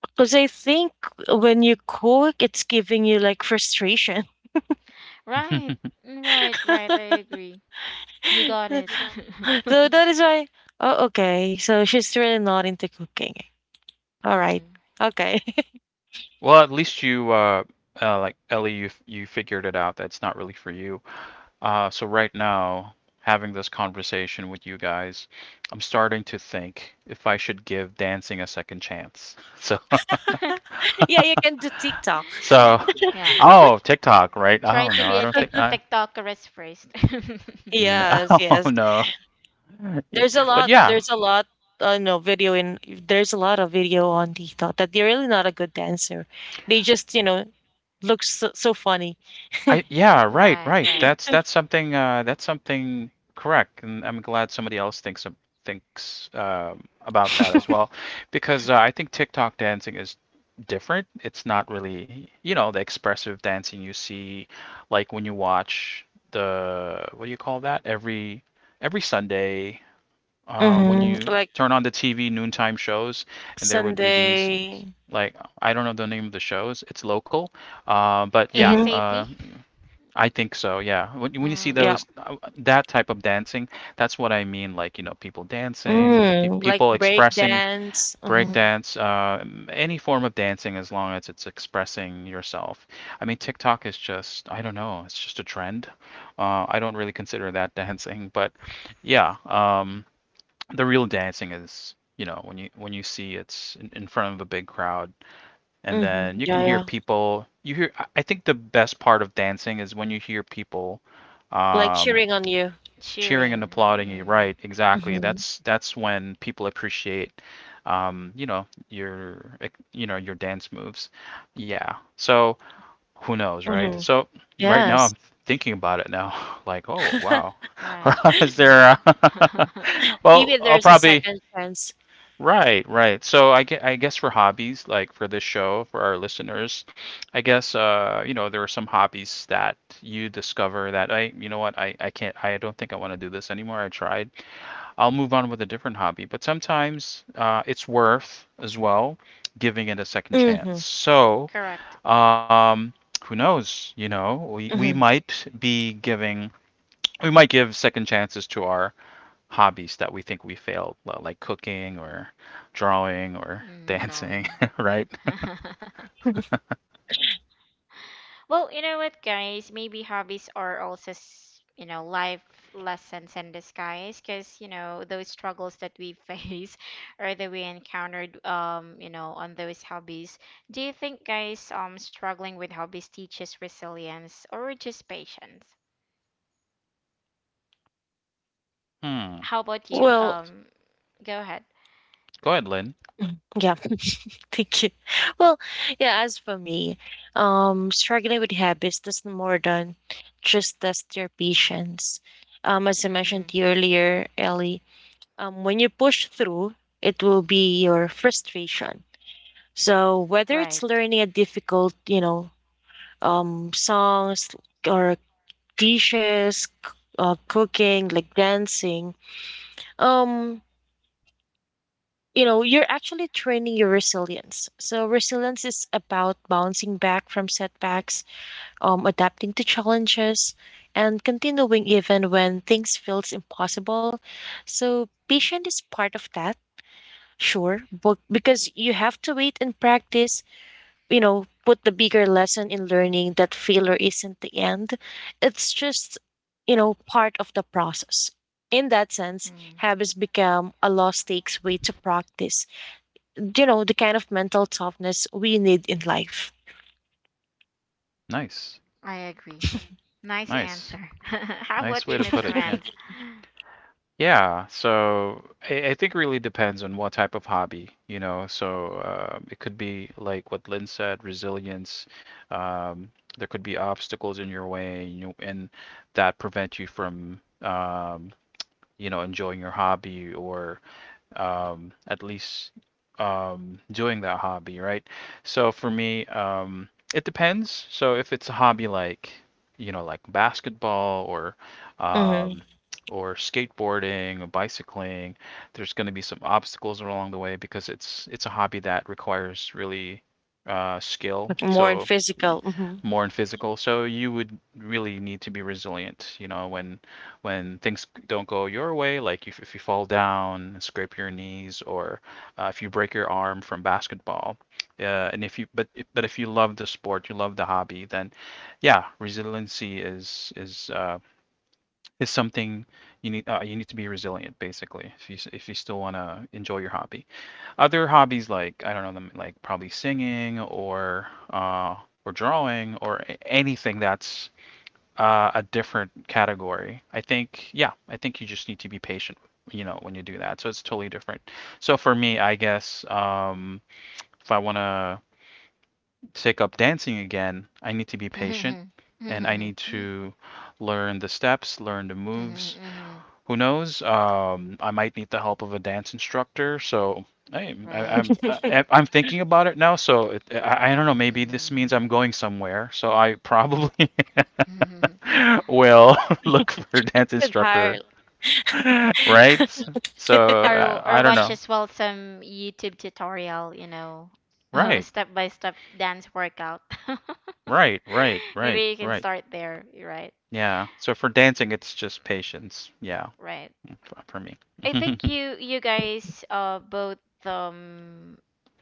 S2: because I think when you cook, it's giving you like frustration.
S1: Right.
S3: <laughs>
S1: Right, right. I
S2: <laughs>
S1: agree. You got it.
S2: <laughs>
S1: <laughs>
S2: So that is why. Oh, okay. So she's really not into cooking. All right.
S1: Mm.
S2: Okay.
S3: Well, at least you like Ellie, you you figured it out. That's not really for you. So right now, having this conversation with you guys, I'm starting to think if I should give dancing a second chance. <laughs> So,
S2: <laughs>
S1: <laughs>
S2: Yeah, you can do TikTok.
S3: so,
S1: Yeah.
S3: oh, TikTok, right?
S1: Try
S3: Oh
S1: to
S3: no,
S1: be
S3: I
S1: a
S3: don't
S1: tech
S3: think I.
S1: TikTokeress first. <laughs>
S3: n-
S2: Yes,
S3: <laughs> Oh
S2: yes.
S3: no, yeah,
S2: There's a
S3: but
S2: lot.
S3: yeah,
S2: There's a lot. No video in. There's a lot of video on TikTok that they're really not a good dancer. They just you know look so, so funny.
S3: I yeah, right,
S1: Right,
S3: right.
S1: right.
S2: <laughs>
S3: That's something that's something correct, and I'm glad somebody else thinks thinks about that as well, because I think TikTok dancing is different. It's not really, you know, the expressive dancing you see like when you watch the what do you call that? Every Sunday, when
S2: Hmm.
S3: you
S2: Like
S3: turn on the TV noontime shows, and there would be these
S2: Sunday.
S3: like, I don't know the name of the shows. It's local. But yeah,
S2: Hmm.
S1: ASAP?
S3: I think so, yeah. When you see
S1: Mm,
S2: Yeah.
S3: those that type of dancing, that's what I mean. Like, you know, people dancing, pe
S2: Mm, like
S3: people
S2: break
S3: expressing
S2: dance. Hmm.
S1: mm.
S3: breakdance, any form of dancing as long as it's expressing yourself. I mean, TikTok is just, I don't know, it's just a trend. I don't really consider that <laughs> dancing, but yeah, the real dancing is, you know, when you see it's in front of a big crowd, and
S2: Hmm.
S3: then you can
S2: Yeah,
S3: hear
S2: yeah.
S3: people. You hear. Think the best part of dancing is when you hear people
S2: Like
S3: um,
S2: cheering on you.
S3: cheering and
S1: Cheering.
S3: applauding you.
S1: Mm,
S3: Right? Exactly.
S1: mm-hmm.
S2: Mm-hmm.
S3: That's when people appreciate, you know, your you know, your dance moves. Yeah. So who knows, right?
S2: Mhm.
S3: So right now
S2: Yes.
S3: I'm thinking about it now. <laughs> Like, oh wow,
S2: <laughs>
S1: Right.
S3: <laughs> is there? A
S1: Mm-hmm.
S3: <laughs>
S2: Maybe
S3: well, I'll
S2: there's a
S3: probably
S2: second chance.
S3: right, right. So I guess for hobbies, like for this show, for our listeners, I guess you know, there are some hobbies that you discover that you know what, I can't, I don't think I want to do this anymore. I tried. I'll move on with a different hobby. But sometimes it's worth as well giving it a second chance.
S2: Mhm,
S1: <laughs>
S3: So
S1: Correct.
S3: um, who knows? You know, we
S2: mhm.
S3: might be giving, we might give second chances to our hobbies that we think we failed, like cooking or drawing or
S1: Mm,
S3: dancing,
S1: drawing.
S3: <laughs> right?
S1: <laughs> Well, you know what, guys? Maybe hobbies are also, you know, life lessons in disguise, because, you know, those struggles that we face <laughs> or that we encountered, you know, on those hobbies. Do you think, guys, struggling with hobbies teaches resilience or just patience?
S3: Hmm.
S1: How about
S3: So-
S1: you?
S2: Well,
S1: Go ahead.
S3: Go ahead, Lynn.
S2: mm, yeah. <laughs> Thank you. Well, yeah, as for me, struggling with habits does more than just test your patience. As I mentioned
S1: Hmm.
S2: to you earlier, Ellie, when you push through, it will be your frustration. So whether it's
S1: Right.
S2: learning a difficult, you know, songs or dishes, cooking, like dancing, um, you know, you're actually training your resilience. So resilience is about bouncing back from setbacks, adapting to challenges, and continuing even when things feels impossible. So patience is part of that, sure, but because you have to wait and practice, you know, put the bigger lesson in learning that failure isn't the end. It's just, you know, part of the process. In that sense,
S1: Mm,
S2: habits become a low stakes way to practice, you know, the kind of mental toughness we need in life.
S3: Nice.
S1: I agree. Nice
S3: Nice.
S1: answer. <laughs> How
S3: Nice
S1: about
S3: way
S1: you,
S3: to put
S1: Mr.
S3: it. Yeah.
S1: Mans?
S3: Yeah. So I think it really depends on what type of hobby, you know. So it could be like what Lynn said, resilience. Um, there could be obstacles in your way, you know, and that prevent you from, you know, enjoying your hobby or at least doing that hobby, right? So for me, it depends. So if it's a hobby like, you know, like basketball um,
S2: Hmm.
S3: or skateboarding or bicycling, there's going to be some obstacles along the way because it's a hobby that requires really skill.
S2: Okay. More in
S3: So
S2: physical. Hmm.
S3: more in physical. So you would really need to be resilient, you know, when things don't go your way, like if you fall down, scrape your knees, or if you break your arm from basketball. And if you but if you love the sport, you love the hobby, then yeah, resiliency is something you need to be resilient basically if you if you still want to enjoy your hobby. Other hobbies like I don't know them like probably singing or drawing or anything that's a different category. I think, yeah, I think you just need to be patient, you know, when you do that. So it's totally different. So for me, I guess if I want to take up dancing again, I need to be patient
S1: <laughs>
S3: and I
S1: Mhm,
S3: need
S1: mhm,
S3: to learn the steps, learn the moves.
S1: mhm.
S3: Who knows? I might need the help of a dance instructor. So I'm
S1: Right.
S2: <laughs>
S3: I'm thinking about it now. So it, I don't know. Maybe this means
S1: Um,
S3: I'm going somewhere. So I probably <laughs>
S1: mm.
S3: will <laughs> look for dance
S2: Higher.
S3: instructor, right?
S1: <laughs>
S3: So
S1: Or
S3: I don't
S1: watch
S3: know.
S1: as well some YouTube tutorial, you know, <laughs>
S3: Right,
S1: step by step dance workout. <laughs>
S3: right, right, right,
S1: Maybe you can
S3: right.
S1: start there, you're right?
S3: Yeah. So for dancing, it's just patience. Yeah,
S1: Right.
S3: for me.
S1: I
S3: <laughs>
S1: think you, guys, both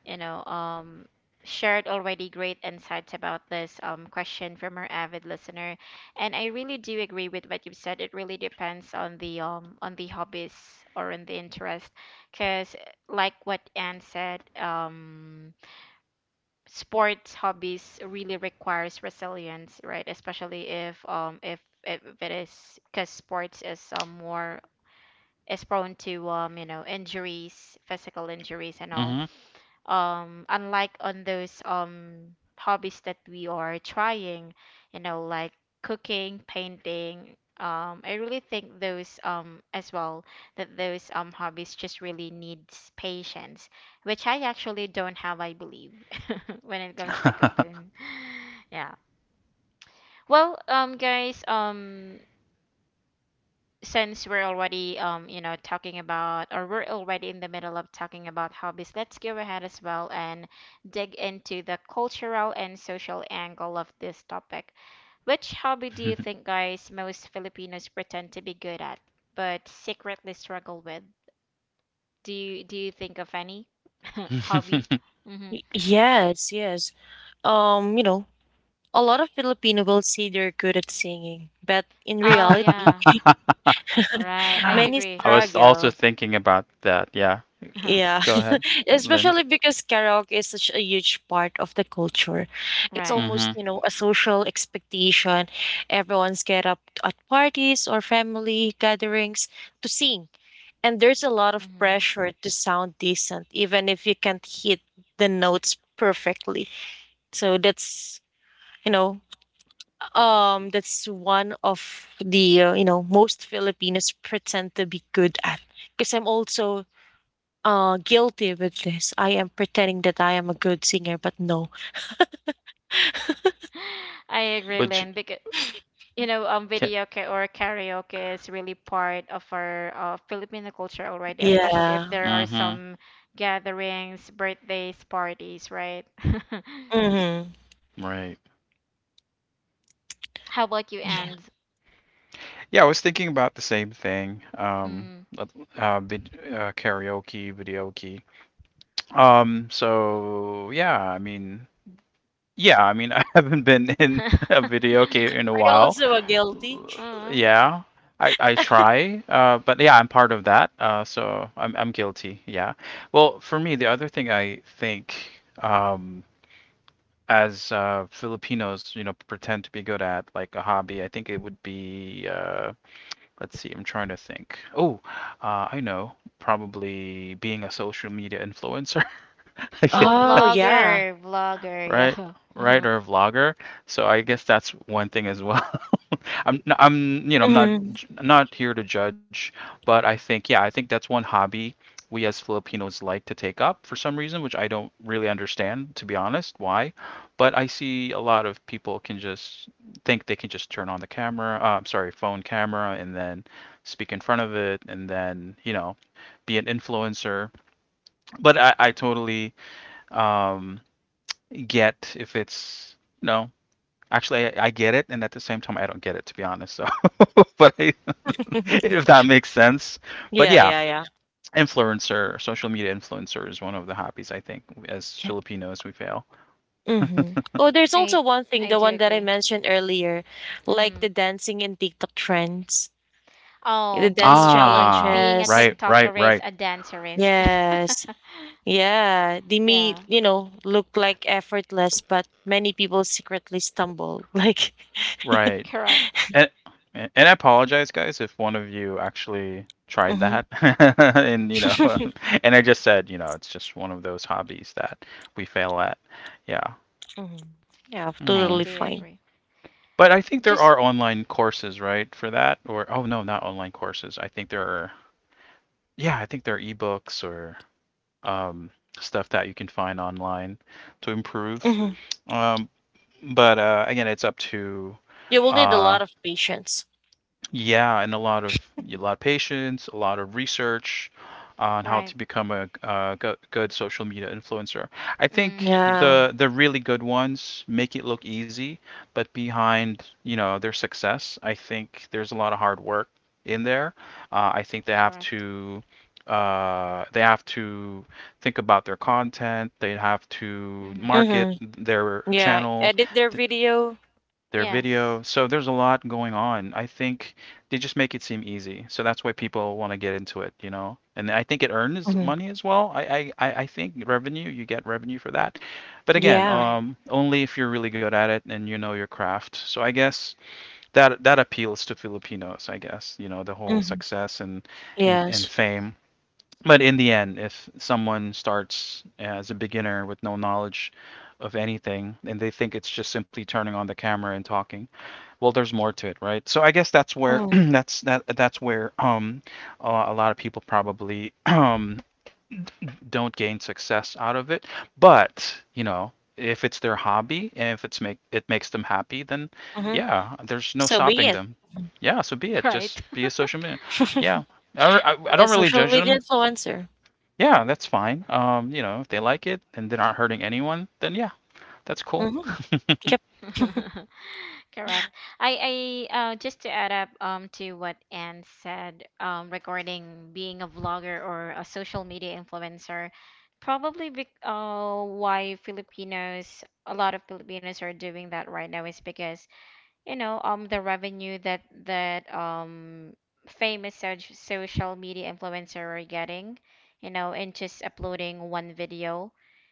S1: you know shared already great insights about this question from our avid listener, and I really do agree with what you've said. It really depends on the, on the hobbies, or on the interest, because, like what Anne said, sports hobbies really requires resilience, right? Especially if, if it is, because sports is, more, is prone to, you know, injuries, physical injuries and all,
S3: Mhm.
S1: unlike on those hobbies that we are trying, you know, like cooking, painting, I really think those as well, that those hobbies just really needs patience, which I actually don't have, I believe, <laughs> when it comes to cooking. <laughs> Yeah. Well, guys, since we're already, you know, talking about, or we're already in the middle of talking about hobbies, let's go ahead as well and dig into the cultural and social angle of this topic. Which hobby do you think, guys, most Filipinos pretend to be good at, but secretly struggle with? Do you think of any <laughs> hobby?
S3: <laughs>
S1: Mm-hmm.
S2: Y- Yes, yes. You know, a lot of Filipino will say they're good at singing, but in
S1: Oh
S2: reality,
S1: yeah, right, I
S3: I
S2: many
S1: agree.
S3: was also
S2: struggle.
S3: thinking about that. Yeah.
S1: <laughs>
S2: Yeah,
S3: Go ahead,
S2: <laughs>
S3: Lynn.
S2: especially because karaoke is such a huge part of the culture. It's
S1: Right.
S2: almost,
S3: Mm-hmm.
S2: you know, a social expectation. Everyone's get up at parties or family gatherings to sing. And there's a lot of
S1: Hmm.
S2: pressure to sound decent, even if you can't hit the notes perfectly. So that's, you know, that's one of the, you know, most Filipinos pretend to be good at. Because I'm also guilty with this. I am pretending that I am a good singer, but no.
S1: I agree,
S3: Would you?
S1: Lynn, because, you know,
S3: Can,
S1: video ka- or karaoke is really part of our, Filipino culture already, especially if
S2: Yeah.
S1: there are
S3: mm-hmm.
S1: some gatherings, birthdays, parties, right?
S2: Mhm.
S3: Right.
S1: <laughs> How about you,
S2: Yeah.
S1: and?
S3: Yeah, I was thinking about the same thing.
S1: Mm.
S3: Uh, karaoke, videoke. So yeah, I mean, <laughs> I haven't been in a
S1: <laughs>
S3: videoke in a
S2: Are you
S3: while.
S2: also a guilty?
S1: Aw.
S3: Yeah, I try, but yeah, I'm part of that. So I'm guilty. Yeah. Well, for me, the other thing I think, as Filipinos, you know, pretend to be good at, like a hobby, I think it would be. Let's see, I'm trying to think. Oh, I know. Probably being a social media influencer, <laughs> <laughs> yeah,
S1: Oh,
S2: Oh, yeah.
S1: vlogger, vlogger,
S3: right?
S1: yeah. <laughs> Mhm.
S3: Right, or a vlogger. So I guess that's one thing as well. I'm I'm, you know, I'm not
S2: Mhm.
S3: not here to judge, but I think yeah I think that's one hobby we as Filipinos like to take up for some reason, which I don't really understand to be honest why, but I see a lot of people can just think they can just turn on the camera, phone camera, and then speak in front of it, and then you know be an influencer. But I totally um get if it's you know. Actually, I get it, and at the same time, I don't get it, to be honest. So, <laughs> but I, <laughs> if
S2: <laughs>
S3: that makes sense. But
S2: Yeah,
S3: yeah,
S2: yeah, yeah.
S3: influencer, social media influencer is one of the hobbies I think as
S2: Yeah.
S3: Filipinos we fail.
S2: Mhm. Oh, there's also
S1: I
S2: one thing,
S1: I
S2: the
S1: do
S2: one that I
S1: agree.
S2: mentioned earlier, like
S1: Hmm.
S2: the dancing in TikTok trends, the
S1: Oh,
S2: dance
S1: be
S3: Ah,
S1: being a
S2: challenges.
S3: right, right,
S1: TikToker is
S3: right,
S1: a dancerist.
S2: Yes.
S1: <laughs>
S2: Yeah. They may,
S1: Yeah,
S2: you know, look like effortless, but many people secretly stumble. Like, <laughs>
S3: right.
S1: correct.
S3: And and I apologize, guys, if one of you actually tried
S2: Mhm.
S3: that, <laughs> and <laughs> and I just said, it's just one of those hobbies that we fail at. Yeah.
S2: Mhm. Yeah, I'm
S1: I
S3: Hmm.
S2: totally
S1: do
S2: fine.
S1: agree.
S3: But I think there
S1: Just
S3: are online courses, right, for that? Or oh no, not online courses. I think there are. Yeah, I think there are ebooks or um, stuff that you can find online to improve.
S2: Mhm.
S3: Um, but again, it's up to
S2: You will need a
S3: uh,
S2: lot of patience.
S3: yeah, and a lot of patience, a lot of research on how
S1: right.
S3: to become a, go good social media influencer. I think
S1: Mm,
S2: Yeah.
S3: the really good ones make it look easy, but behind, their success, I think there's a lot of hard work in there. I think they have
S1: correct.
S3: to uh, they have to think about their content. They have to
S1: Hmm.
S3: market
S2: Mhm.
S3: their
S2: Yeah,
S3: channel
S2: edit their video.
S3: their video.
S1: Yes.
S3: So there's a lot going on. I think they just make it seem easy. So that's why people want to get into it, you know. And I think it earns
S2: Mhm.
S3: money as well. I think revenue, you get revenue for that. But again,
S2: Yeah.
S1: Right.
S3: only if you're really good at it and you know your craft. So I guess that appeals to Filipinos, I guess, you know, the whole
S2: Mhm.
S3: success and and
S2: Yes.
S3: fame. But in the end, if someone starts as a beginner with no knowledge of anything and they think it's just simply turning on the camera and talking, well there's more to it, right? So I guess that's where <clears throat>
S2: Mhm.
S3: that's where a lot of people probably <clears throat> don't gain success out of it, but you know, if it's their hobby and if it's makes them happy, then
S2: Mhm.
S3: yeah, there's no
S2: So be
S3: stopping
S2: it.
S3: them.
S2: <laughs>
S3: Yeah, so be
S1: <laughs>
S3: it, just
S1: Right.
S3: be a social media. Yeah.
S2: Mhm.
S3: I, do I, I
S2: A
S3: don't really
S2: social
S3: judge
S2: media
S3: them.
S2: influencer.
S3: Yeah, that's fine. You know, if they like it and they aren't hurting anyone, then yeah, that's cool.
S2: Mhm.
S3: <laughs>
S2: Yep.
S1: <laughs> Correct. I, just to add up, to what Anne said, regarding being a vlogger or a social media influencer, probably, bec why Filipinos, a lot of Filipinos are doing that right now, is because, you know, the revenue that, famous social media influencer are getting, you know, and just uploading one video,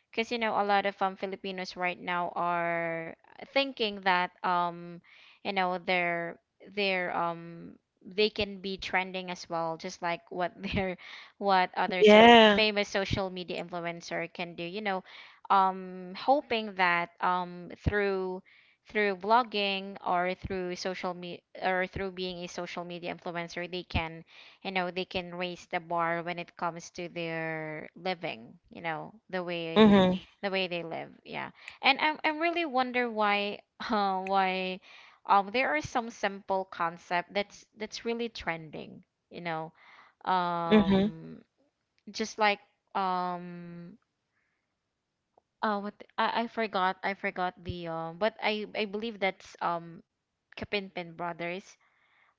S1: because, you know, a lot of Filipinos right now are thinking that, they're, they're um they can be trending as well, just like what <laughs> their, what other so
S2: Yeah.
S1: famous social media influencer can do, you know, hoping that, through, through blogging or through being a social media influencer, they can, you know, they can raise the bar when it comes to their living, you know, the way,
S2: Mhm.
S1: they live, yeah. And I really wonder why <laughs> why there are some simple concept that's, really trending, you know,
S2: Mhm.
S1: um just like, um I forgot, I forgot the but I believe that's, Kapinpin brothers,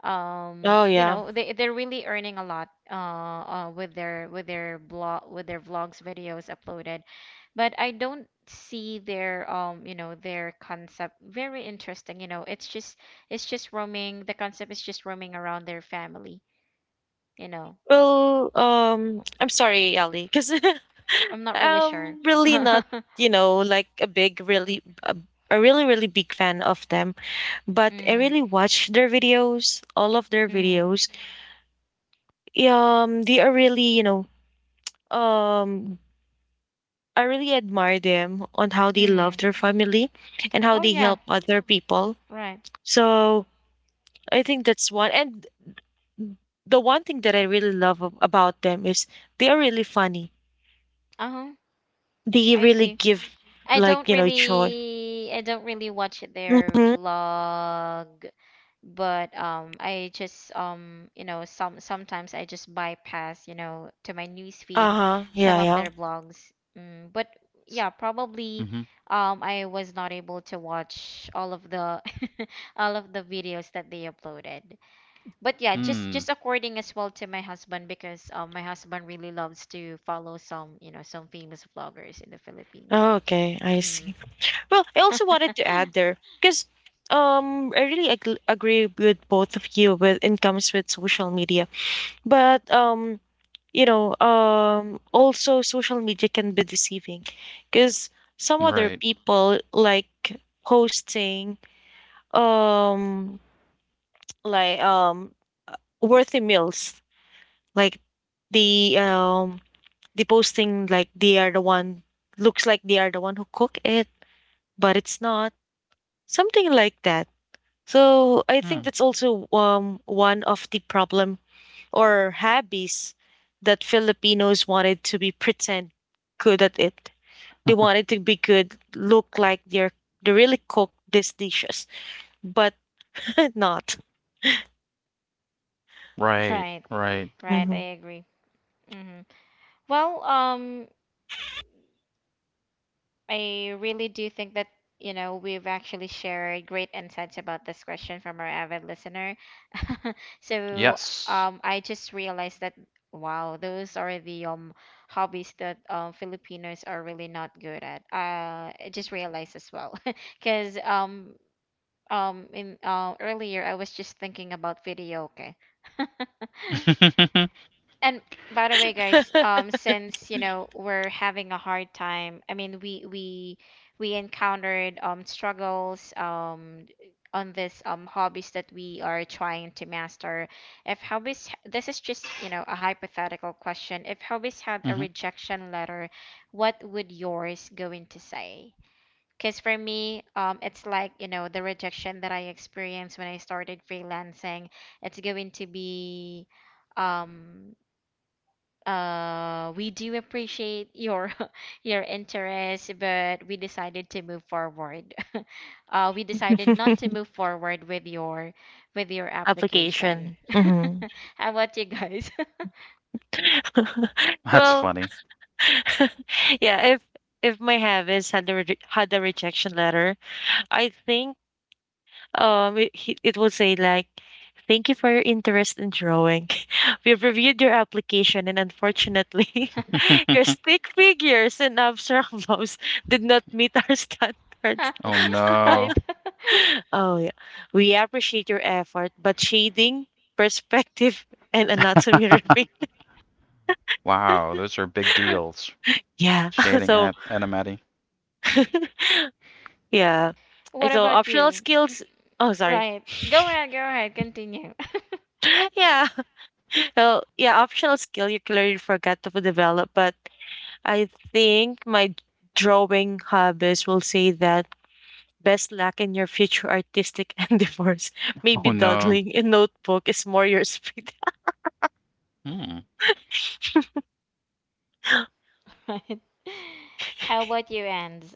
S2: Oh
S1: you
S2: yeah.
S1: know, they, they're really earning a lot, with their, with their blog, with their vlogs videos uploaded. But I don't see their, you know, their concept very interesting, you know. It's just roaming, the concept is just roaming around their family, you know.
S2: Well, I'm sorry, Ali, because
S1: I'm
S2: <laughs>
S1: not really sure.
S2: I'm
S1: <laughs>
S2: really not, like a big, really, a really, really big fan of them, but I
S1: Mm,
S2: really watch their videos, all of their
S1: mm,
S2: videos. They are really, um, I really admire them on how they love
S1: mm.
S2: their family and how
S1: Oh
S2: they
S1: yeah,
S2: help other people.
S1: right.
S2: So I think that's one. And the one thing that I really love about them is they are really funny.
S1: Uh-huh.
S2: They
S1: I
S2: really
S1: see.
S2: give,
S1: I don't
S2: joy.
S1: really I don't really watch their
S2: Mm-hmm.
S1: vlog, but I just sometimes I just bypass, you know, to my newsfeed
S2: Uh-huh.
S1: some
S2: Yeah,
S1: of
S2: yeah.
S1: their vlogs. But
S3: Mm-hmm.
S1: yeah, probably I was not able to watch all of the <laughs> all of the videos that they uploaded. But yeah, just
S3: Mm,
S1: just according as well to my husband because my husband really loves to follow some, you know, some famous vloggers in the Philippines.
S2: Okay, I
S1: Mm.
S2: see. Well, I
S1: <laughs>
S2: also wanted to add there because I really agree with both of you with in comes with social media, but also social media can be deceiving because some other
S3: right.
S2: people like posting um like um worthy meals like the um the posting like they are the one, looks like they are the one who cook it, but it's not, something like that. So I think
S3: Mm,
S2: that's also, one of the problem or hobbies that Filipinos wanted to be pretend good at it. They wanted to be good, look like they really cook these dishes, but <laughs> not.
S3: right,
S1: Right,
S3: right.
S1: right,
S2: Mhm.
S1: I agree. Hmm. Well, um, I really do think that, you know, we've actually shared great insights about this question from our avid listener. <laughs> So,
S3: Yes.
S1: I just realized that, wow, those are the hobbies that Filipinos are really not good at. I just realized as well, <laughs> because in earlier, I was just thinking about video, okay? <laughs>
S3: <laughs>
S1: And by the way, guys, since you know we're having a hard time, I mean we encountered struggles on this hobbies that we are trying to master. If hobbies, this is just you know a hypothetical question. If hobbies had a
S3: Mhm.
S1: rejection letter, what would yours going to say? Because for me, it's like you know the rejection that I experienced when I started freelancing. It's going to be um we do appreciate your <laughs> your interest, but we decided to move forward. <laughs> We decided not to
S2: <laughs>
S1: move forward with your application.
S2: Application.
S1: <laughs>
S2: Hmm.
S1: How about you guys?
S2: <laughs>
S3: That's
S2: Well,
S3: funny.
S2: <laughs> yeah. If my habits had a had a rejection letter, I think it will say like, "Thank you for your interest in drawing. <laughs> We've reviewed your application, and unfortunately,
S1: <laughs>
S2: <laughs>
S3: <laughs>
S2: your stick figures and abstract <laughs> models did not meet our standards. <laughs>
S3: Oh no.
S1: Right. <laughs>
S2: Oh yeah, we appreciate your effort, but shading, perspective, <laughs> and anatomy
S3: <laughs>
S2: remain
S3: Wow, those are big deals.
S2: <laughs> yeah." <laughs>
S3: Shading
S2: So
S3: at Animati. And
S2: <laughs> yeah. And
S1: What
S2: so
S1: about
S2: optional
S1: you?
S2: skills. Oh, sorry.
S1: Right. Go ahead, continue. <laughs>
S2: <laughs> Yeah. <laughs> Well, yeah, optional skill you clearly forgot to develop, but I think my drawing hobbies will say that best luck in your future artistic <laughs> endeavors. Maybe
S3: oh no.
S2: dawdling in notebook is more your speed.
S3: Hmm.
S1: Right. How about you, Ands?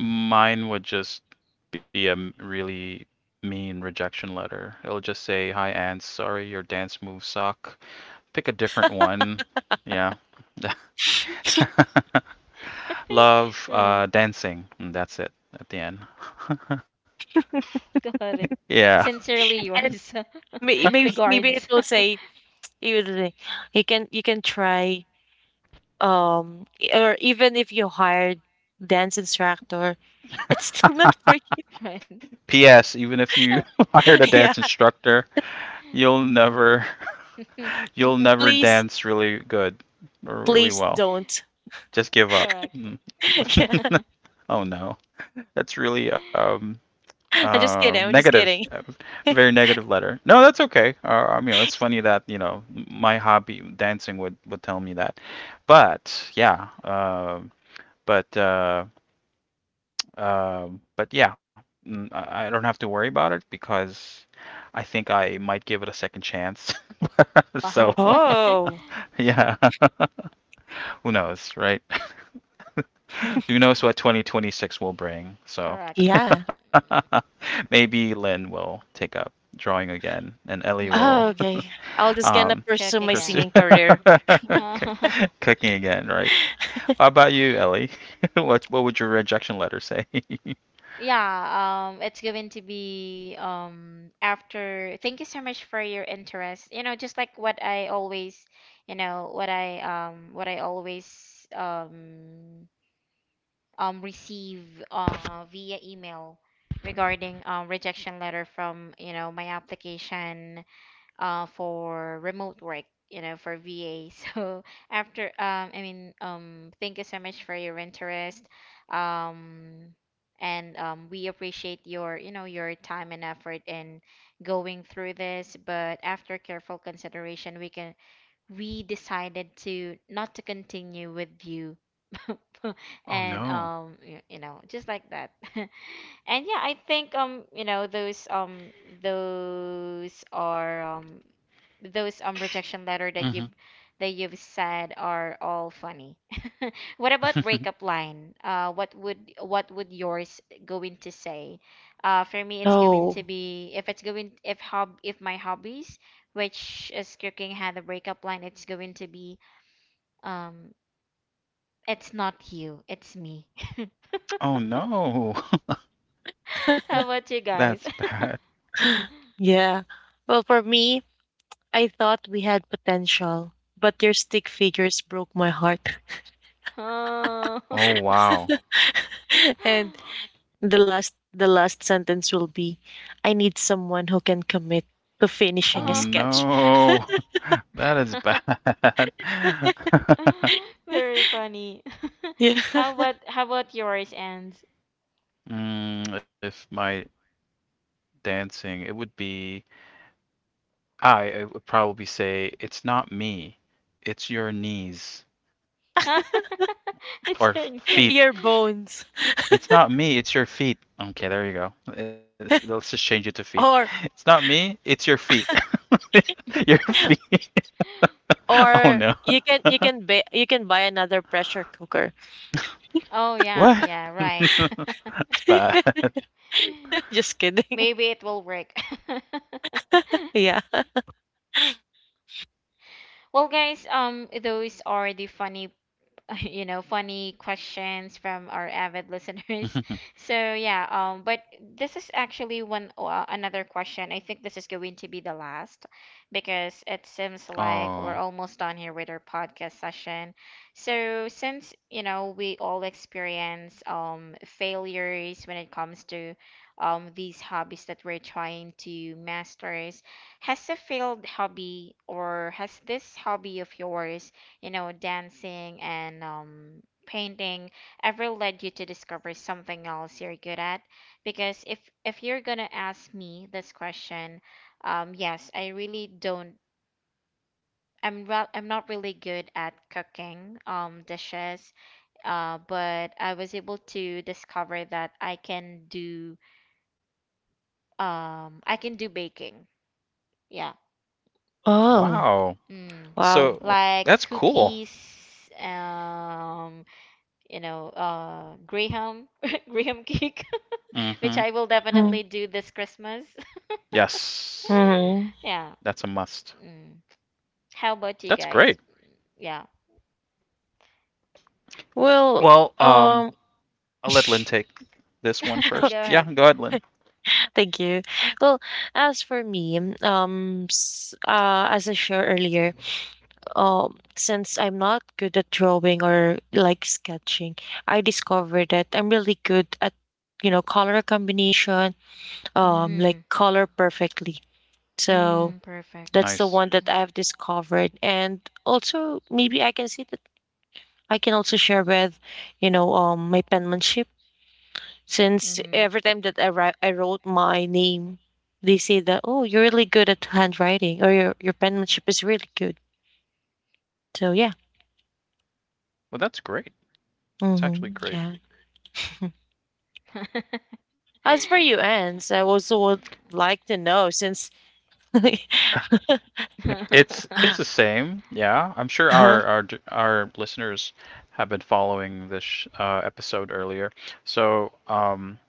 S3: Mine would just be a really mean rejection letter. It'll just say, "Hi, Anne. Sorry, your dance moves suck. Pick a different one." Yeah.
S2: <laughs>
S3: <laughs>
S1: <laughs>
S3: Love
S1: Right.
S3: dancing. And that's it at the end.
S1: Got it.
S3: Yeah.
S1: Sincerely
S2: And
S1: yours. <laughs>
S2: maybe it
S1: Regards. <laughs>
S2: will say, it will say you can try or even if you hired dance instructor, <laughs> it's still not for you.
S1: <laughs> Right.
S3: <laughs> P.S. Even if you <laughs> hired a
S2: <laughs> Yeah.
S3: dance instructor, you'll never <laughs> you'll never
S1: <laughs>
S2: Please
S3: dance really good or really well.
S2: don't.
S3: Just give up. <laughs>
S1: Correct.
S2: <laughs> Yeah.
S1: <laughs>
S3: Oh no, that's really
S2: I'm just kidding. I'm just
S3: negative,
S2: kidding. <laughs>
S3: very negative letter. No, that's okay. I mean, it's funny that you know my hobby dancing would tell me that, but yeah, uh, but uh, uh, but yeah, mm, I don't have to worry about it because I think I might give it a second chance. <laughs> So
S1: Wow. <laughs>
S2: Oh
S3: yeah, <laughs> who knows, right? So who knows what 2026 will bring? So
S1: Correct.
S2: yeah.
S3: <laughs> maybe Lynn will take up drawing again, and Ellie will
S2: Oh,
S1: Hmm.
S2: okay. I'll just gonna
S3: um,
S2: pursue
S1: Cook
S2: my
S3: pursue
S2: singing
S1: again.
S2: career.
S1: <laughs>
S3: <laughs> cooking again, right?
S2: <laughs>
S3: How about you, Ellie? <laughs> What would your rejection letter say? <laughs>
S1: Yeah, it's going to be after. Thank you so much for your interest. You know, just like what I always, you know, what I always receive via email regarding rejection letter from you know my application for remote work you know for VA <laughs> so after I mean thank you so much for your interest um, and we appreciate your you know your time and effort in going through this, but after careful consideration we can we decided to not to continue with you. <laughs>
S3: Oh no.
S1: You know just like that. <laughs> And yeah, I think you know those are um those rejection letter that you've said are all funny. What about
S3: Mm-hmm.
S1: breakup line? What would yours going to say? For me, it's going to
S2: No.
S1: be if it's going if hob if my hobbies, which is cooking, had a breakup line, it's going to be, um, it's not you, it's me.
S3: <laughs> Oh no.
S1: <laughs>
S2: <laughs>
S1: How about
S3: <laughs>
S1: you
S3: That's
S1: guys? <laughs>
S3: bad.
S2: Yeah. Well, for me, I thought we had potential, but your stick figures broke my heart.
S1: Oh,
S3: Oh wow.
S2: <laughs> And
S1: <laughs>
S2: the last sentence will be, I need someone who can commit to
S3: Oh
S2: finishing a
S1: oh,
S2: sketch. <laughs>
S3: no. <laughs> That is bad. <laughs>
S1: <laughs> very funny. <laughs>
S2: Yeah.
S1: How about
S2: <laughs>
S1: yours, and
S3: Mm, if my dancing, it would be I would probably say it's not me, it's your knees
S1: <laughs>
S3: or
S1: it's your
S3: feet.
S1: niece.
S2: Your bones,
S3: It's not me, it's your feet. Okay, there you go. It's- Let's just change it to feet. <laughs> It's
S2: or
S3: not me, it's your feet. <laughs> Your
S1: <laughs>
S3: feet. <laughs> Oh no.
S2: you can you can buy another pressure cooker.
S1: Oh yeah,
S3: What?
S1: yeah, right.
S3: <laughs> That's
S2: <laughs>
S3: bad.
S1: <laughs>
S2: Just kidding.
S1: Maybe it will work.
S2: <laughs> Yeah.
S1: <laughs> Well, guys, those are the funny <laughs> you know, funny questions from our avid listeners. <laughs>
S3: <laughs>
S1: So yeah, but this is actually one another question. I think this is going to be the last because it seems like
S3: Oh,
S1: we're almost done here with our podcast session. So since, you know, we all experience failures when it comes to these hobbies that we're trying to masters, has a failed hobby or has this hobby of yours, you know, dancing and painting ever led you to discover something else you're good at? Because if you're gonna ask me this question, yes, I really don't. I'm not really good at cooking, dishes, but I was able to discover that I can do baking. Yeah.
S2: Oh,
S3: wow.
S1: Mm.
S2: wow.
S3: So
S1: Like
S3: that's cool.
S1: cookies, um, you know, Graham, <laughs> Graham cake, <laughs> which
S3: Mm-hmm.
S1: I will
S2: Mm,
S1: definitely do this Christmas. <laughs>
S3: Yes,
S2: mhm.
S1: Yeah.
S3: that's a must.
S1: Mm. How about you
S3: That's
S1: guys?
S3: great.
S1: Yeah.
S2: Well,
S3: Well,
S2: um,
S3: I'll let Lynn take this one
S1: <laughs>
S2: <laughs>
S3: first.
S1: Go
S2: okay,
S3: Yeah,
S1: ahead.
S3: go ahead, Lynn.
S2: thank you. Well, as for me, as I shared earlier, since I'm not good at drawing or like sketching, I discovered that I'm really good at, color combination, like
S1: Mm-hmm.
S2: color perfectly. So
S1: Mm, perfect.
S2: that's the
S3: Nice.
S2: one that I've discovered, and also maybe I can see that I can also share with, my penmanship. Since
S1: Mm.
S2: every time that write, I wrote my name, they say that, oh, you're really good at handwriting or your penmanship is really good. So, yeah.
S3: Well, that's great. It's actually
S2: Hmm.
S3: great.
S2: Yeah. <laughs> As for you, Anne, so I also would like to know since. <laughs>
S3: <laughs>
S2: Huh?
S3: it's
S1: Mm-hmm. <laughs>
S3: it's the same. Yeah, I'm sure
S2: Hmm.
S3: our our listeners have been following this episode earlier. So,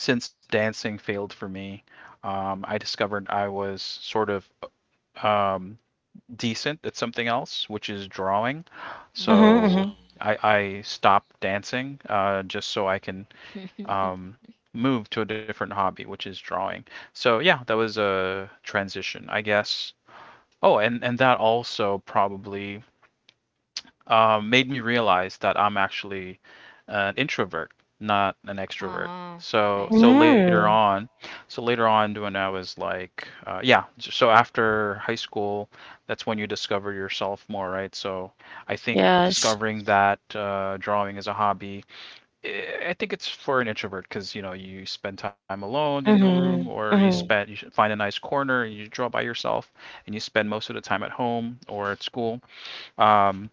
S3: since dancing failed for me, I discovered I was sort of um, decent at something else, which is drawing.
S1: Mm.
S3: So
S2: Hmm.
S3: I I stopped dancing just so I can um, move to a different hobby, which is drawing. So yeah, that was a transition, I guess. Oh, and that also probably made me realize that I'm actually an introvert, not an
S1: <laughs>
S3: extrovert.
S1: Uh-huh.
S3: So
S1: I
S3: so
S1: see.
S3: later
S2: Mm.
S3: on, so later on when I was like, yeah, so after high school, that's when you discover yourself more, right? So I think
S2: Yes.
S3: discovering that drawing is a hobby. Eh, I think it's for an introvert because you know you spend time alone in the room,
S2: Hmm.
S3: or
S2: Hmm.
S3: you should find a nice corner and you draw by yourself, and you spend most of the time at home or at school. Um,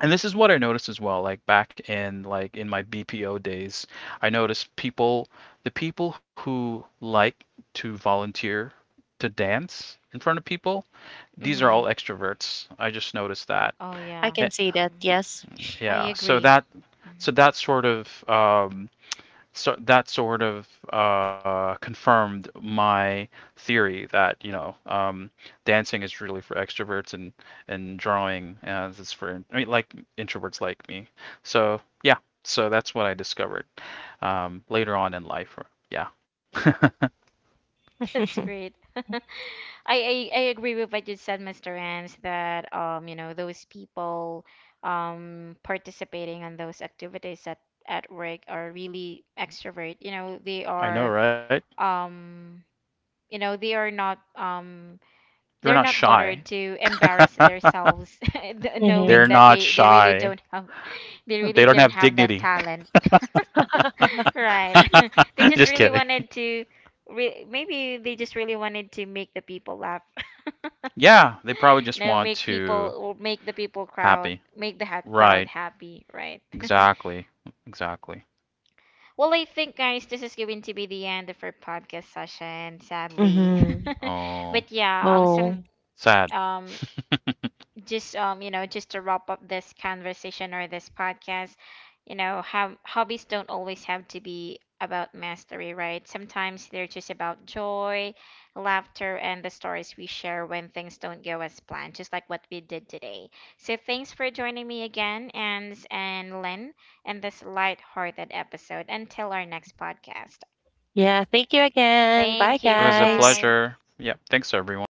S3: and this is what I noticed as well. Like back in in my BPO days, I noticed the people who like to volunteer to dance in front of people, these are all
S1: Mm-hmm.
S3: extroverts. I just noticed that.
S1: Oh
S2: I
S1: yeah.
S3: Eh,
S2: can see that.
S1: Mhm.
S2: Yes.
S1: I
S3: yeah,
S1: agree.
S3: so that sort of um, so that sort of confirmed my theory that you know dancing is really for extroverts and drawing as is for like introverts like me. So yeah, so that's what I discovered later on in life. Yeah,
S2: <laughs>
S1: That's
S2: Hmm.
S1: great. <laughs> I agree with what you said, Mr. Rance, that you know, those people participating on those activities at work are really extrovert. You know, they
S3: I know,
S1: are
S3: right?
S1: um you know, they are not
S3: They're
S1: they're
S3: not
S1: not
S3: shy.
S1: bothered to embarrass
S3: <laughs>
S1: themselves, <laughs> knowing
S3: They're
S1: that
S3: not
S1: they they really
S3: shy.
S1: don't have they really
S3: They don't
S1: don't
S3: have
S1: have that
S3: dignity.
S1: talent. Right. <laughs> They
S3: <laughs>
S1: just
S3: Just
S1: really
S3: kidding.
S1: wanted to re- maybe they just really wanted to make the people laugh.
S3: Yeah, they probably just
S1: No,
S3: want
S1: make
S3: to
S1: people or make the people crowd
S3: happy.
S1: make the
S3: Right.
S1: crowd happy, right?
S3: Exactly. Exactly.
S1: Well, I think guys, this is going to be the end of our podcast session, sadly.
S2: Hmm.
S1: <laughs>
S3: Oh,
S1: But
S2: <laughs>
S1: yeah,
S2: Oh,
S1: some
S3: sad.
S1: um
S3: <laughs> It
S1: just you know just to wrap up this conversation or this podcast, you know, have hobbies don't always have to be about mastery, right? Sometimes they're just about joy, laughter, and the stories we share when things don't go as planned, just like what we did today. So thanks for joining me again and Lynn in this light-hearted episode until our next podcast.
S2: yeah. Thank you again. Bye,
S1: Thank you,
S3: was a
S1: bye
S2: guys.
S1: bye.
S3: pleasure. Yep. Thanks, everyone.